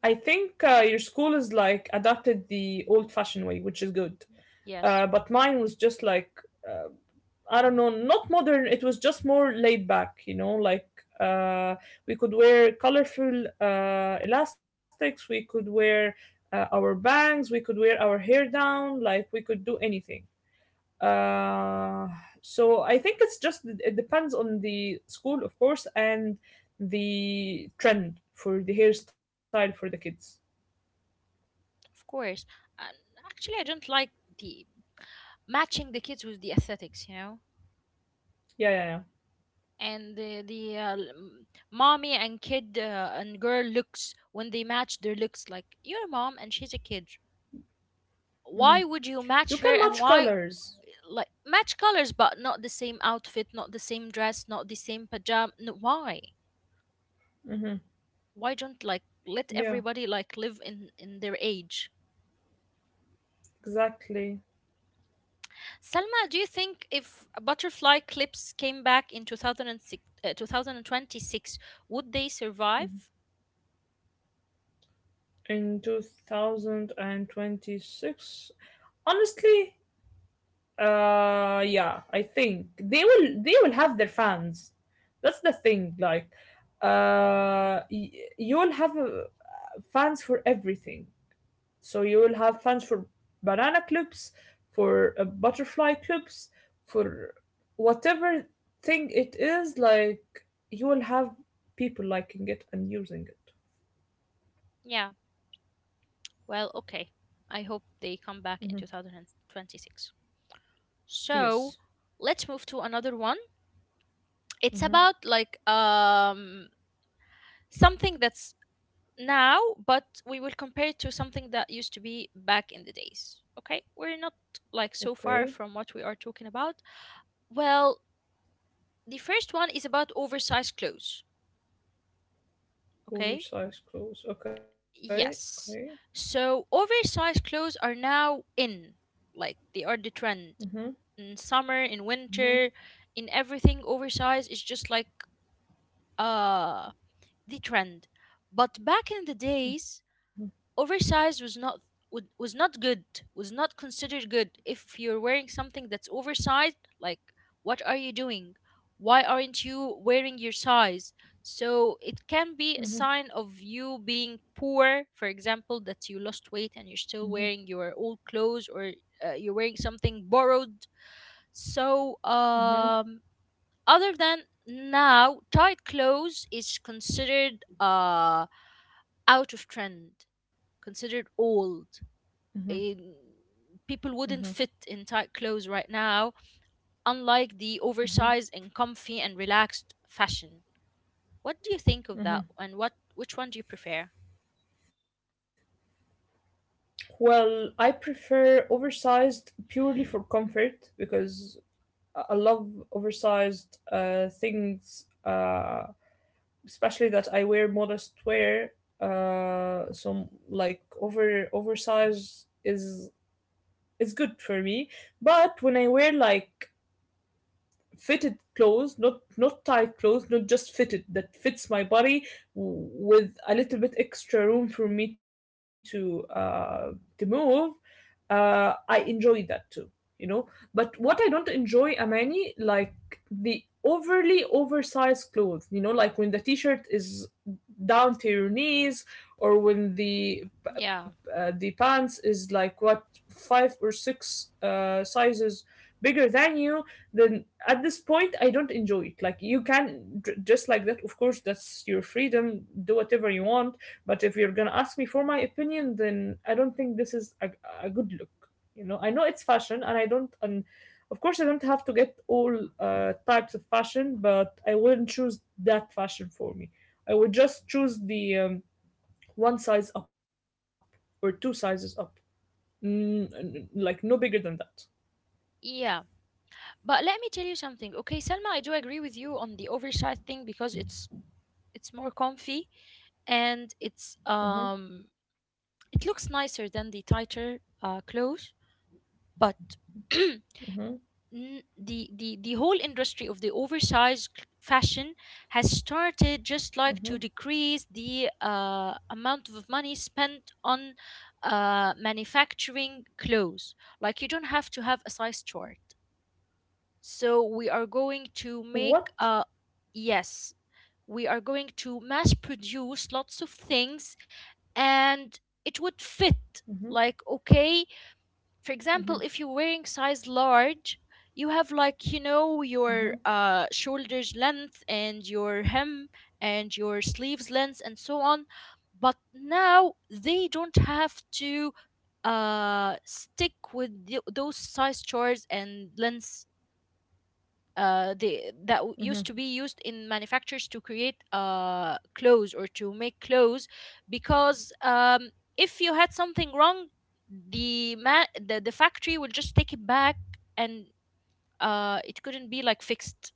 S2: I think your school is like adopted the old-fashioned way, which is good.
S1: Yes,
S2: But mine was just like uh, I don't know, not modern. It was just more laid back, you know, like uh, we could wear colorful elastics, we could wear our bangs, we could wear our hair down, like we could do anything. Uh, so I think it's just, it depends on the school, of course, and the trend for the hairstyle for the kids.
S1: of course. And actually, I don't like the matching the kids with the aesthetics, you know?
S2: Yeah, yeah,
S1: And mommy and kid and girl looks, when they match their looks, like your mom and she's a kid.
S2: yeah. hmm
S1: Why would you
S2: You can
S1: match her
S2: match
S1: and why,
S2: colors.
S1: like, match colors but not the same outfit, not the same dress, not the same pajama? No, why?
S2: Hmm
S1: Why don't, like, let
S2: Yeah,
S1: everybody, like, live in their age?
S2: exactly.
S1: Salma, do you think if butterfly clips came back in 2006, 2026, would they survive?
S2: In 2026, honestly, yeah, I think they will, they will have their fans. That's the thing, like uh y- you'll have fans for everything. So you will have fans for banana clips, for butterfly clips, for whatever thing it is. Like, you will have people liking it and using it.
S1: Yeah, well, okay. I hope they come back in
S2: Hmm.
S1: 2026. So
S2: Yes.
S1: let's move to another one. It's about
S2: Hmm.
S1: like something that's now, but we will compare it to something that used to be back in the days. Okay, we're not like so far
S2: Okay.
S1: from what we are talking about. Well, the first one is about oversized clothes. Okay.
S2: Oversized clothes. Okay. Okay.
S1: Yes. So oversized clothes are now in, like they are the trend
S2: Hmm.
S1: in summer, in winter,
S2: Hmm.
S1: in everything. Oversized is just like uh the trend. But back in the days, oversized was not good, was not considered good. If you're wearing something that's oversized, like what are you doing? Why aren't you wearing your size? So it can be a sign
S2: Hmm.
S1: of you being poor, for example, that you lost weight and you're still
S2: Hmm.
S1: wearing your old clothes, or you're wearing something borrowed. So
S2: Hmm.
S1: other than, now tight clothes is considered out of trend, considered old,
S2: Hmm.
S1: in, people wouldn't fit in tight clothes right now, unlike the oversized
S2: Hmm.
S1: and comfy and relaxed fashion. What do you think of that? And what which one do you prefer?
S2: Well, I prefer oversized purely for comfort because I love oversized things, uh, especially that I wear modest wear. So like oversized is good for me, but when I wear like fitted clothes, not tight clothes, not just fitted that fits my body with a little bit extra room for me to move, I enjoy that too, you know. But what I don't enjoy, Amani, like the overly oversized clothes, you know, like when the t-shirt is down to your knees, or when
S1: Yeah.
S2: the pants is like what, five or six sizes bigger than you, then at this point I don't enjoy it. Like, you can just like that, of course. That's your freedom, do whatever you want. But if you're gonna ask me for my opinion, then I don't think this is a good look. You know, I know it's fashion, and I don't and of course I don't have to get all types of fashion, but I wouldn't choose that fashion for me. I would just choose the one size up or two sizes up. Like, no bigger than that.
S1: Yeah. But let me tell you something. Okay, Selma, I do agree with you on the oversized thing because it's more comfy, and
S2: Hmm.
S1: it looks nicer than the tighter clothes, but [clears throat]
S2: Hmm.
S1: the whole industry of the oversized fashion has started just like to
S2: Hmm.
S1: decrease the amount of money spent on manufacturing clothes, like you don't have to have a size chart, so we are going to make
S2: What?
S1: yes, we are going to mass produce lots of things, and it would
S2: Hmm.
S1: fit like okay. For
S2: Hmm.
S1: example, if you're wearing size large, you have like
S2: Hmm.
S1: your
S2: Hmm.
S1: shoulders length and your hem and your sleeves length and so on. But now they don't have to stick with those size charts and length, used to be
S2: Hmm.
S1: used in manufacturers to create clothes or to make clothes, because if you had something wrong, the, ma- the factory will just take it back, and it couldn't be like fixed.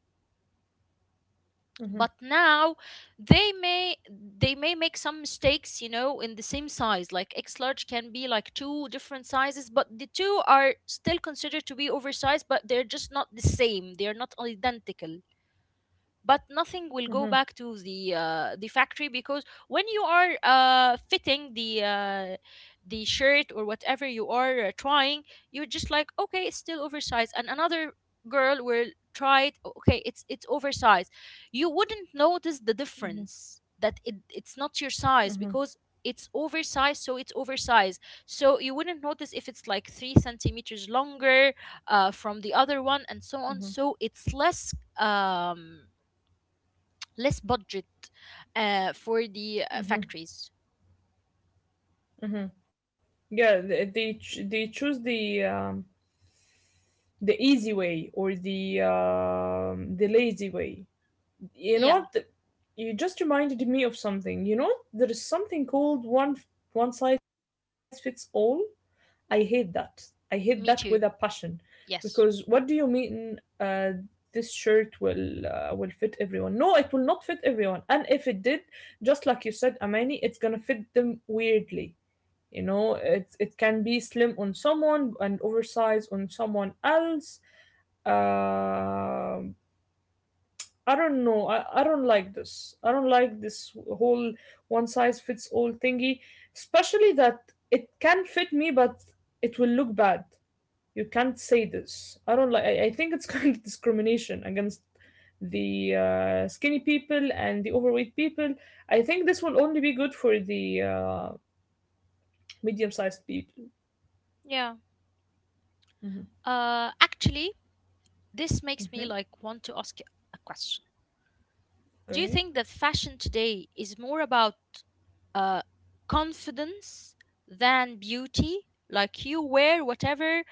S1: But now they may make some mistakes, in the same size, like x large can be like two different sizes, but the two are still considered to be oversized, but they're just not the same, they're not identical. But nothing will go back
S2: Hmm.
S1: to the factory, because when you are fitting the shirt or whatever you are trying, you're just like, okay, it's still oversized. And another girl will try it. "Oh, okay, it's oversized. You wouldn't notice the difference, that it's not your size, because
S2: Hmm.
S1: it's oversized, so it's oversized, so you wouldn't notice if it's like three centimeters longer from the other one and so on, so
S2: Hmm.
S1: it's less um less budget for the factories.
S2: Hmm. Yeah, they they choose the easy way, or the lazy way. You know
S1: Yeah.
S2: what? You just reminded me of something. You know, there is something called one size fits all. I hate that. I hate that with a
S1: Me
S2: passion,
S1: too.
S2: because what do
S1: Yes.
S2: you mean this shirt will, will fit everyone? No, it will not fit everyone. And if it did, just like you said, Amani, it's gonna fit them weirdly. You know, it can be slim on someone and oversized on someone else. Um I don't know. I don't like this. I don't like this whole one size fits all thingy. Especially that it can fit me, but it will look bad. You can't say this. I don't like. I think it's [laughs] kind of discrimination against the skinny people and the overweight people. I think this will only be good for the medium sized people.
S1: Yeah.
S2: Hmm.
S1: Actually, this makes me
S2: Hmm.
S1: like want to ask a question. Do you
S2: Okay.
S1: think that fashion today is more about uh, confidence than beauty? Like you wear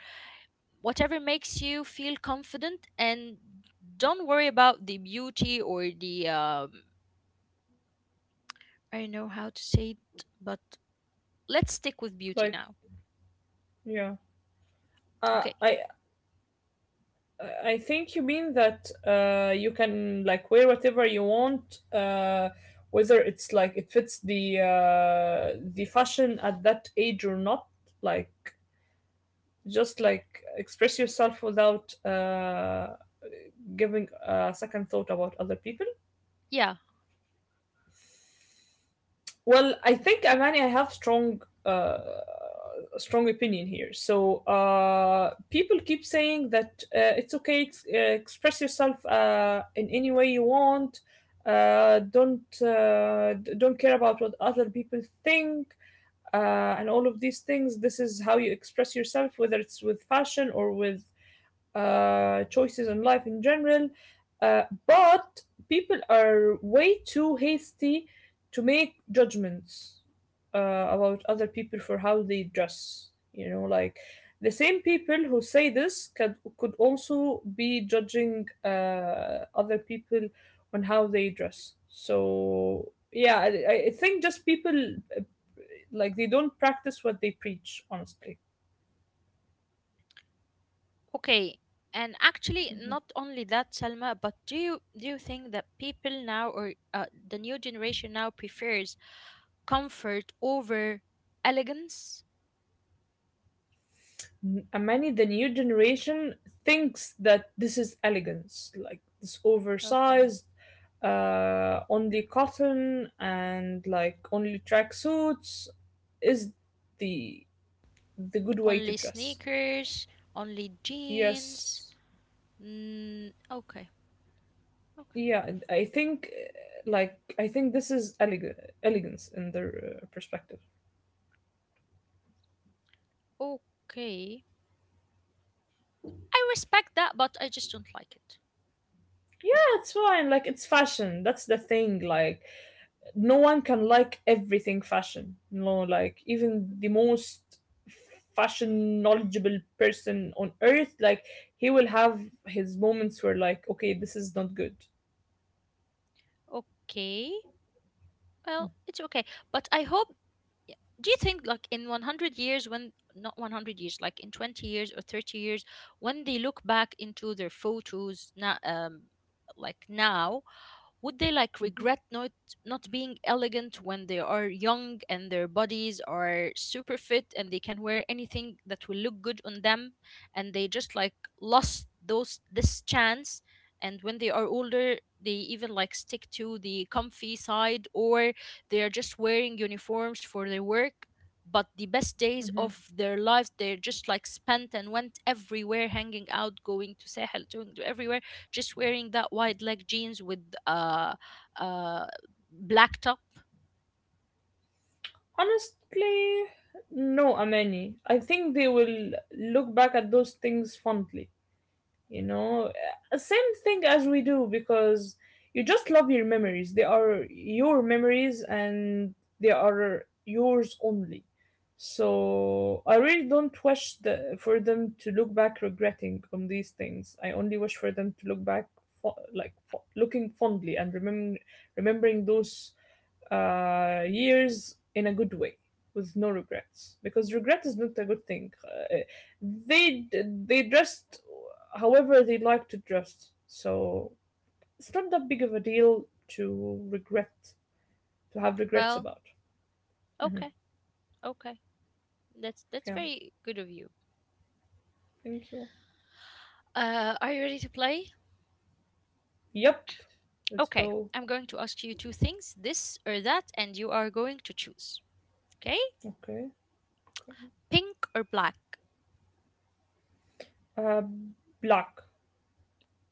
S1: whatever makes you feel confident, and don't worry about the beauty, or the I don't know how to say it, but let's stick with beauty
S2: Like,
S1: now.
S2: yeah. Uh,
S1: Okay,
S2: I I think you mean that you can like wear whatever you want, whether it's like it fits the fashion at that age or not. Like, just like express yourself without giving a second thought about other people.
S1: yeah.
S2: Well, I think, Amani, I have a strong opinion here. So people keep saying that it's okay express yourself in any way you want. Don't care about what other people think, and all of these things. This is how you express yourself, whether it's with fashion or with choices in life in general. But people are way too hasty to make judgments about other people for how they dress. You know, like the same people who say this could also be judging other people on how they dress. So yeah, I think just people, like, they don't practice what they preach. Honestly.
S1: Okay, and actually, not only that, Selma, but do you think that people now, or the new generation now, prefers comfort over elegance?
S2: Many, the new generation, thinks that this is elegance, like this
S1: Okay.
S2: oversized, only cotton, and like only tracksuits, is the the good way to
S1: Only
S2: dress.
S1: sneakers, only jeans.
S2: Yes.
S1: Mm, okay, okay,
S2: Yeah, and I think, this is elegance in their perspective.
S1: okay. I respect that, but I just don't like it.
S2: That's fine. Like, it's fashion. That's the thing, like, no one can like everything fashion. You know, like even the most fashion knowledgeable person on earth, like, he will have his moments where, like, okay, this is not good.
S1: Okay, well, it's okay. But I hope. Yeah. Do you think, like, in 100 years, when, not 100 years, like in 20 years or 30 years, when they look back into their photos now, like now, would they like
S2: Mm-hmm.
S1: regret not being elegant when they are young and their bodies are super fit and they can wear anything that will look good on them, and they just like lost those this chance, and when they are older they even like stick to the comfy side, or they are just wearing uniforms for their work, but the best days
S2: Mm-hmm.
S1: of their lives they're just like spent and went everywhere, hanging out, going to Sahel, doing to everywhere, just wearing that wide leg jeans with uh uh black top.
S2: Honestly, no, Amani. I think they will look back at those things fondly, you know. Same thing as we do, because you just love your memories. They are your memories, and they are yours only. So I really don't wish for them to look back regretting on these things. I only wish for them to look back looking fondly, and remembering those years in a good way with no regrets. Because regret is not a good thing. They dressed however they like to dress, so it's not that big of a deal to regret, to have regrets
S1: Well,
S2: about.
S1: okay,
S2: Hmm.
S1: okay, that's
S2: Yeah.
S1: very good of you.
S2: Thank you.
S1: Are you ready to play?
S2: Yep. Let's
S1: Okay.
S2: go.
S1: I'm going to ask you two things, this or that, and you are going to choose. Okay.
S2: Okay, okay.
S1: Pink or black?
S2: uh Black.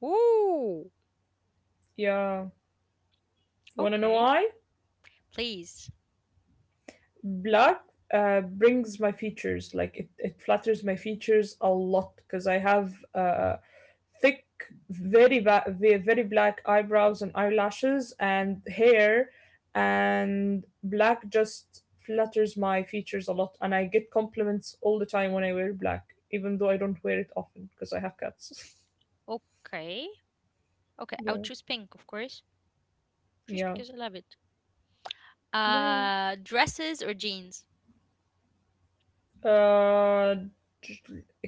S1: Ooh.
S2: Yeah. You want to know
S1: Okay,
S2: why?
S1: please.
S2: Black brings my features, like, it flatters my features a lot, because I have thick, very black eyebrows and eyelashes and hair, and black just flatters my features a lot. And I get compliments all the time when I wear black, even though I don't wear it often because I have cats.
S1: Okay, okay,
S2: [laughs]
S1: I'll
S2: Yeah,
S1: choose pink, of course, just
S2: yeah,
S1: because I love it.
S2: yeah.
S1: Dresses or jeans?
S2: uh,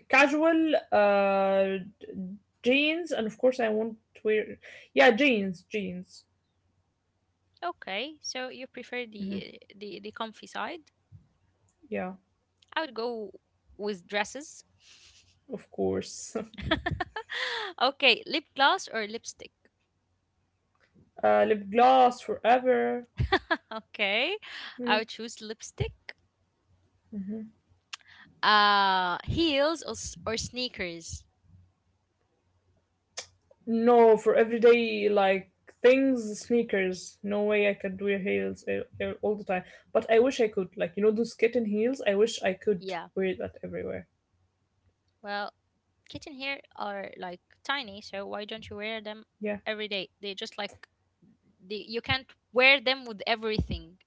S2: casual jeans, and of course I won't wear. Yeah, jeans, jeans.
S1: Okay, so you prefer
S2: Hmm.
S1: the comfy side.
S2: Yeah,
S1: I would go with dresses.
S2: of course.
S1: [laughs] Okay, lip gloss or lipstick?
S2: [laughs] Lip gloss forever.
S1: [laughs] Okay,
S2: Yeah.
S1: I would choose lipstick. Heels or sneakers?
S2: No, for everyday like things, sneakers. No way I could wear heels all the time. But I wish I could. Like, you know those kitten heels. I wish I could
S1: Yeah.
S2: wear that everywhere.
S1: Well, kitten here are like tiny, so why don't you wear them
S2: Yeah.
S1: every day? They just like you can't wear them with everything.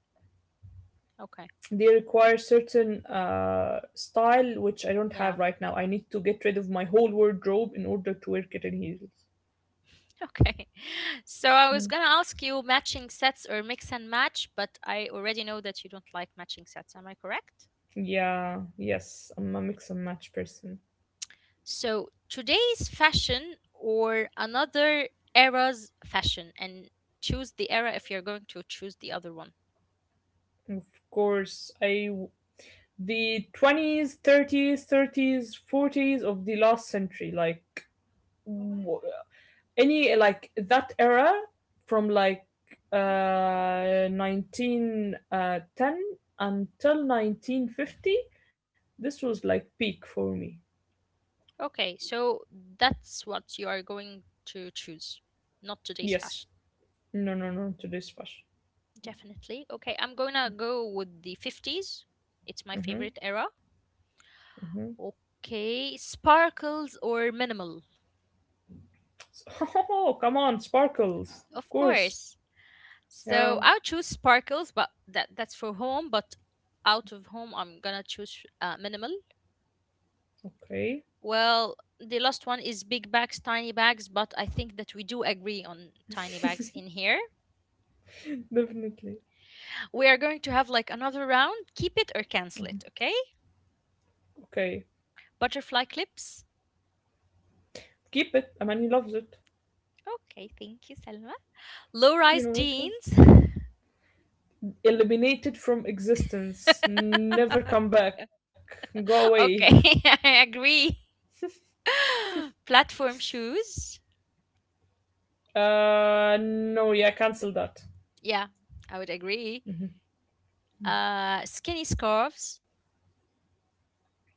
S1: Okay.
S2: They require certain style, which I don't
S1: Yeah.
S2: have right now. I need to get rid of my whole wardrobe in order to wear kitten heels.
S1: Okay. [laughs] So I was
S2: Mm.
S1: gonna ask you matching sets or mix and match, but I already know that you don't like matching sets. Am I correct?
S2: Yeah, yes, I'm a mix and match person.
S1: So today's fashion or another era's fashion, and choose the era if you're going to choose the other one.
S2: Of course, the 20s, 30s, 40s of the last century, like w- any like that era, from like 1910 until 1950. This was like peak for me.
S1: Okay, so that's what you are going to choose, not today's
S2: Yes.
S1: fashion.
S2: No, no, no. Today's fashion.
S1: Definitely. Okay, I'm gonna go with the 50s. It's my
S2: Mm-hmm.
S1: favorite era. Okay, sparkles or minimal?
S2: [laughs] Oh, come on, sparkles. Of
S1: Of
S2: course.
S1: course. So
S2: Yeah.
S1: I'll choose sparkles, but that's for home, but out of home I'm gonna choose minimal.
S2: Okay.
S1: Well, the last one is big bags, tiny bags, but I think that we do agree on tiny bags in here.
S2: Definitely.
S1: We are going to have like another round. Keep it or cancel it, okay?
S2: Okay.
S1: Butterfly clips.
S2: Keep it. Amani loves it.
S1: Okay, thank you, Selma. Low
S2: You
S1: rise
S2: know, like,
S1: jeans.
S2: eliminated from existence. Never come
S1: [laughs]
S2: back. Go away.
S1: Okay. [laughs] I agree.
S2: [laughs]
S1: [gasps] [laughs] Platform shoes.
S2: No. Yeah, cancel that.
S1: Yeah, I would agree. Skinny scarves.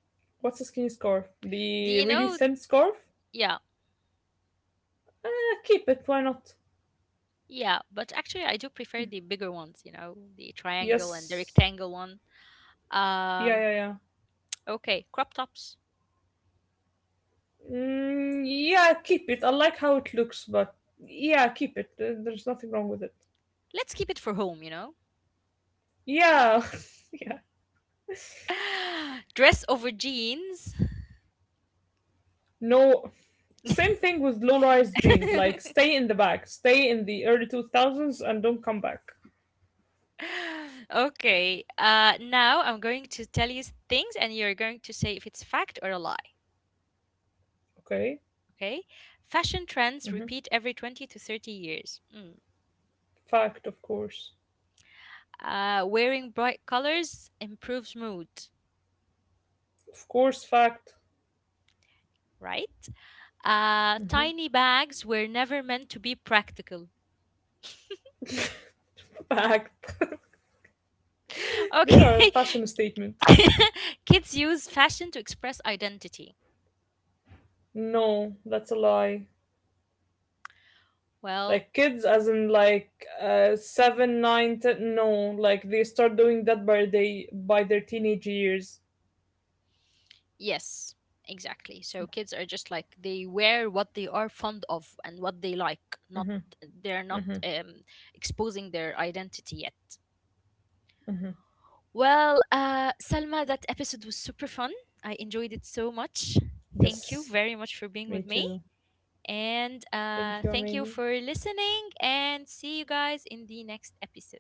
S2: What's a skinny scarf? The
S1: Do
S2: really
S1: you
S2: thin
S1: know?
S2: scarf?
S1: Yeah,
S2: Eh, keep it. Why not?
S1: yeah. But actually, I do prefer the bigger ones. You know, the triangle and the
S2: Yes.
S1: rectangle one.
S2: Yeah,
S1: Um.
S2: yeah, yeah.
S1: Okay, crop tops.
S2: Mm, yeah, keep it. I like how it looks, but yeah, keep it. There's nothing wrong with it.
S1: Let's keep it for home. You know.
S2: Yeah, [laughs] yeah.
S1: [laughs] Dress over jeans.
S2: No, same thing with low-rise jeans. Like, stay in the back, stay in the early two thousands, and don't come back.
S1: [laughs] Okay. Now I'm going to tell you things, and you're going to say if it's fact or a lie.
S2: Okay.
S1: Okay. Fashion trends
S2: Hmm.
S1: repeat every 20 to 30 years. Mm.
S2: Fact, of course.
S1: Wearing bright colors improves mood.
S2: Of course, fact.
S1: Right. Tiny bags were never meant to be practical.
S2: [laughs] Fact. [laughs] They
S1: [laughs]
S2: are a
S1: Okay.
S2: fashion statement.
S1: [laughs] Kids use fashion to express identity.
S2: No, that's a lie.
S1: Well,
S2: Like, kids as in like 7, 9, 10 no. Like, they start doing that by they by their teenage years.
S1: yes, exactly. So kids are just like they wear what they are fond of and what they like. Not They're not
S2: Hmm.
S1: exposing their identity yet. Well, Salma, that episode was super fun. I enjoyed it so much.
S2: Yes.
S1: Thank you very
S2: Me
S1: much for being
S2: too.
S1: with me, and
S2: Thank you, Amani.
S1: thank you for listening. And see you guys in the next episode.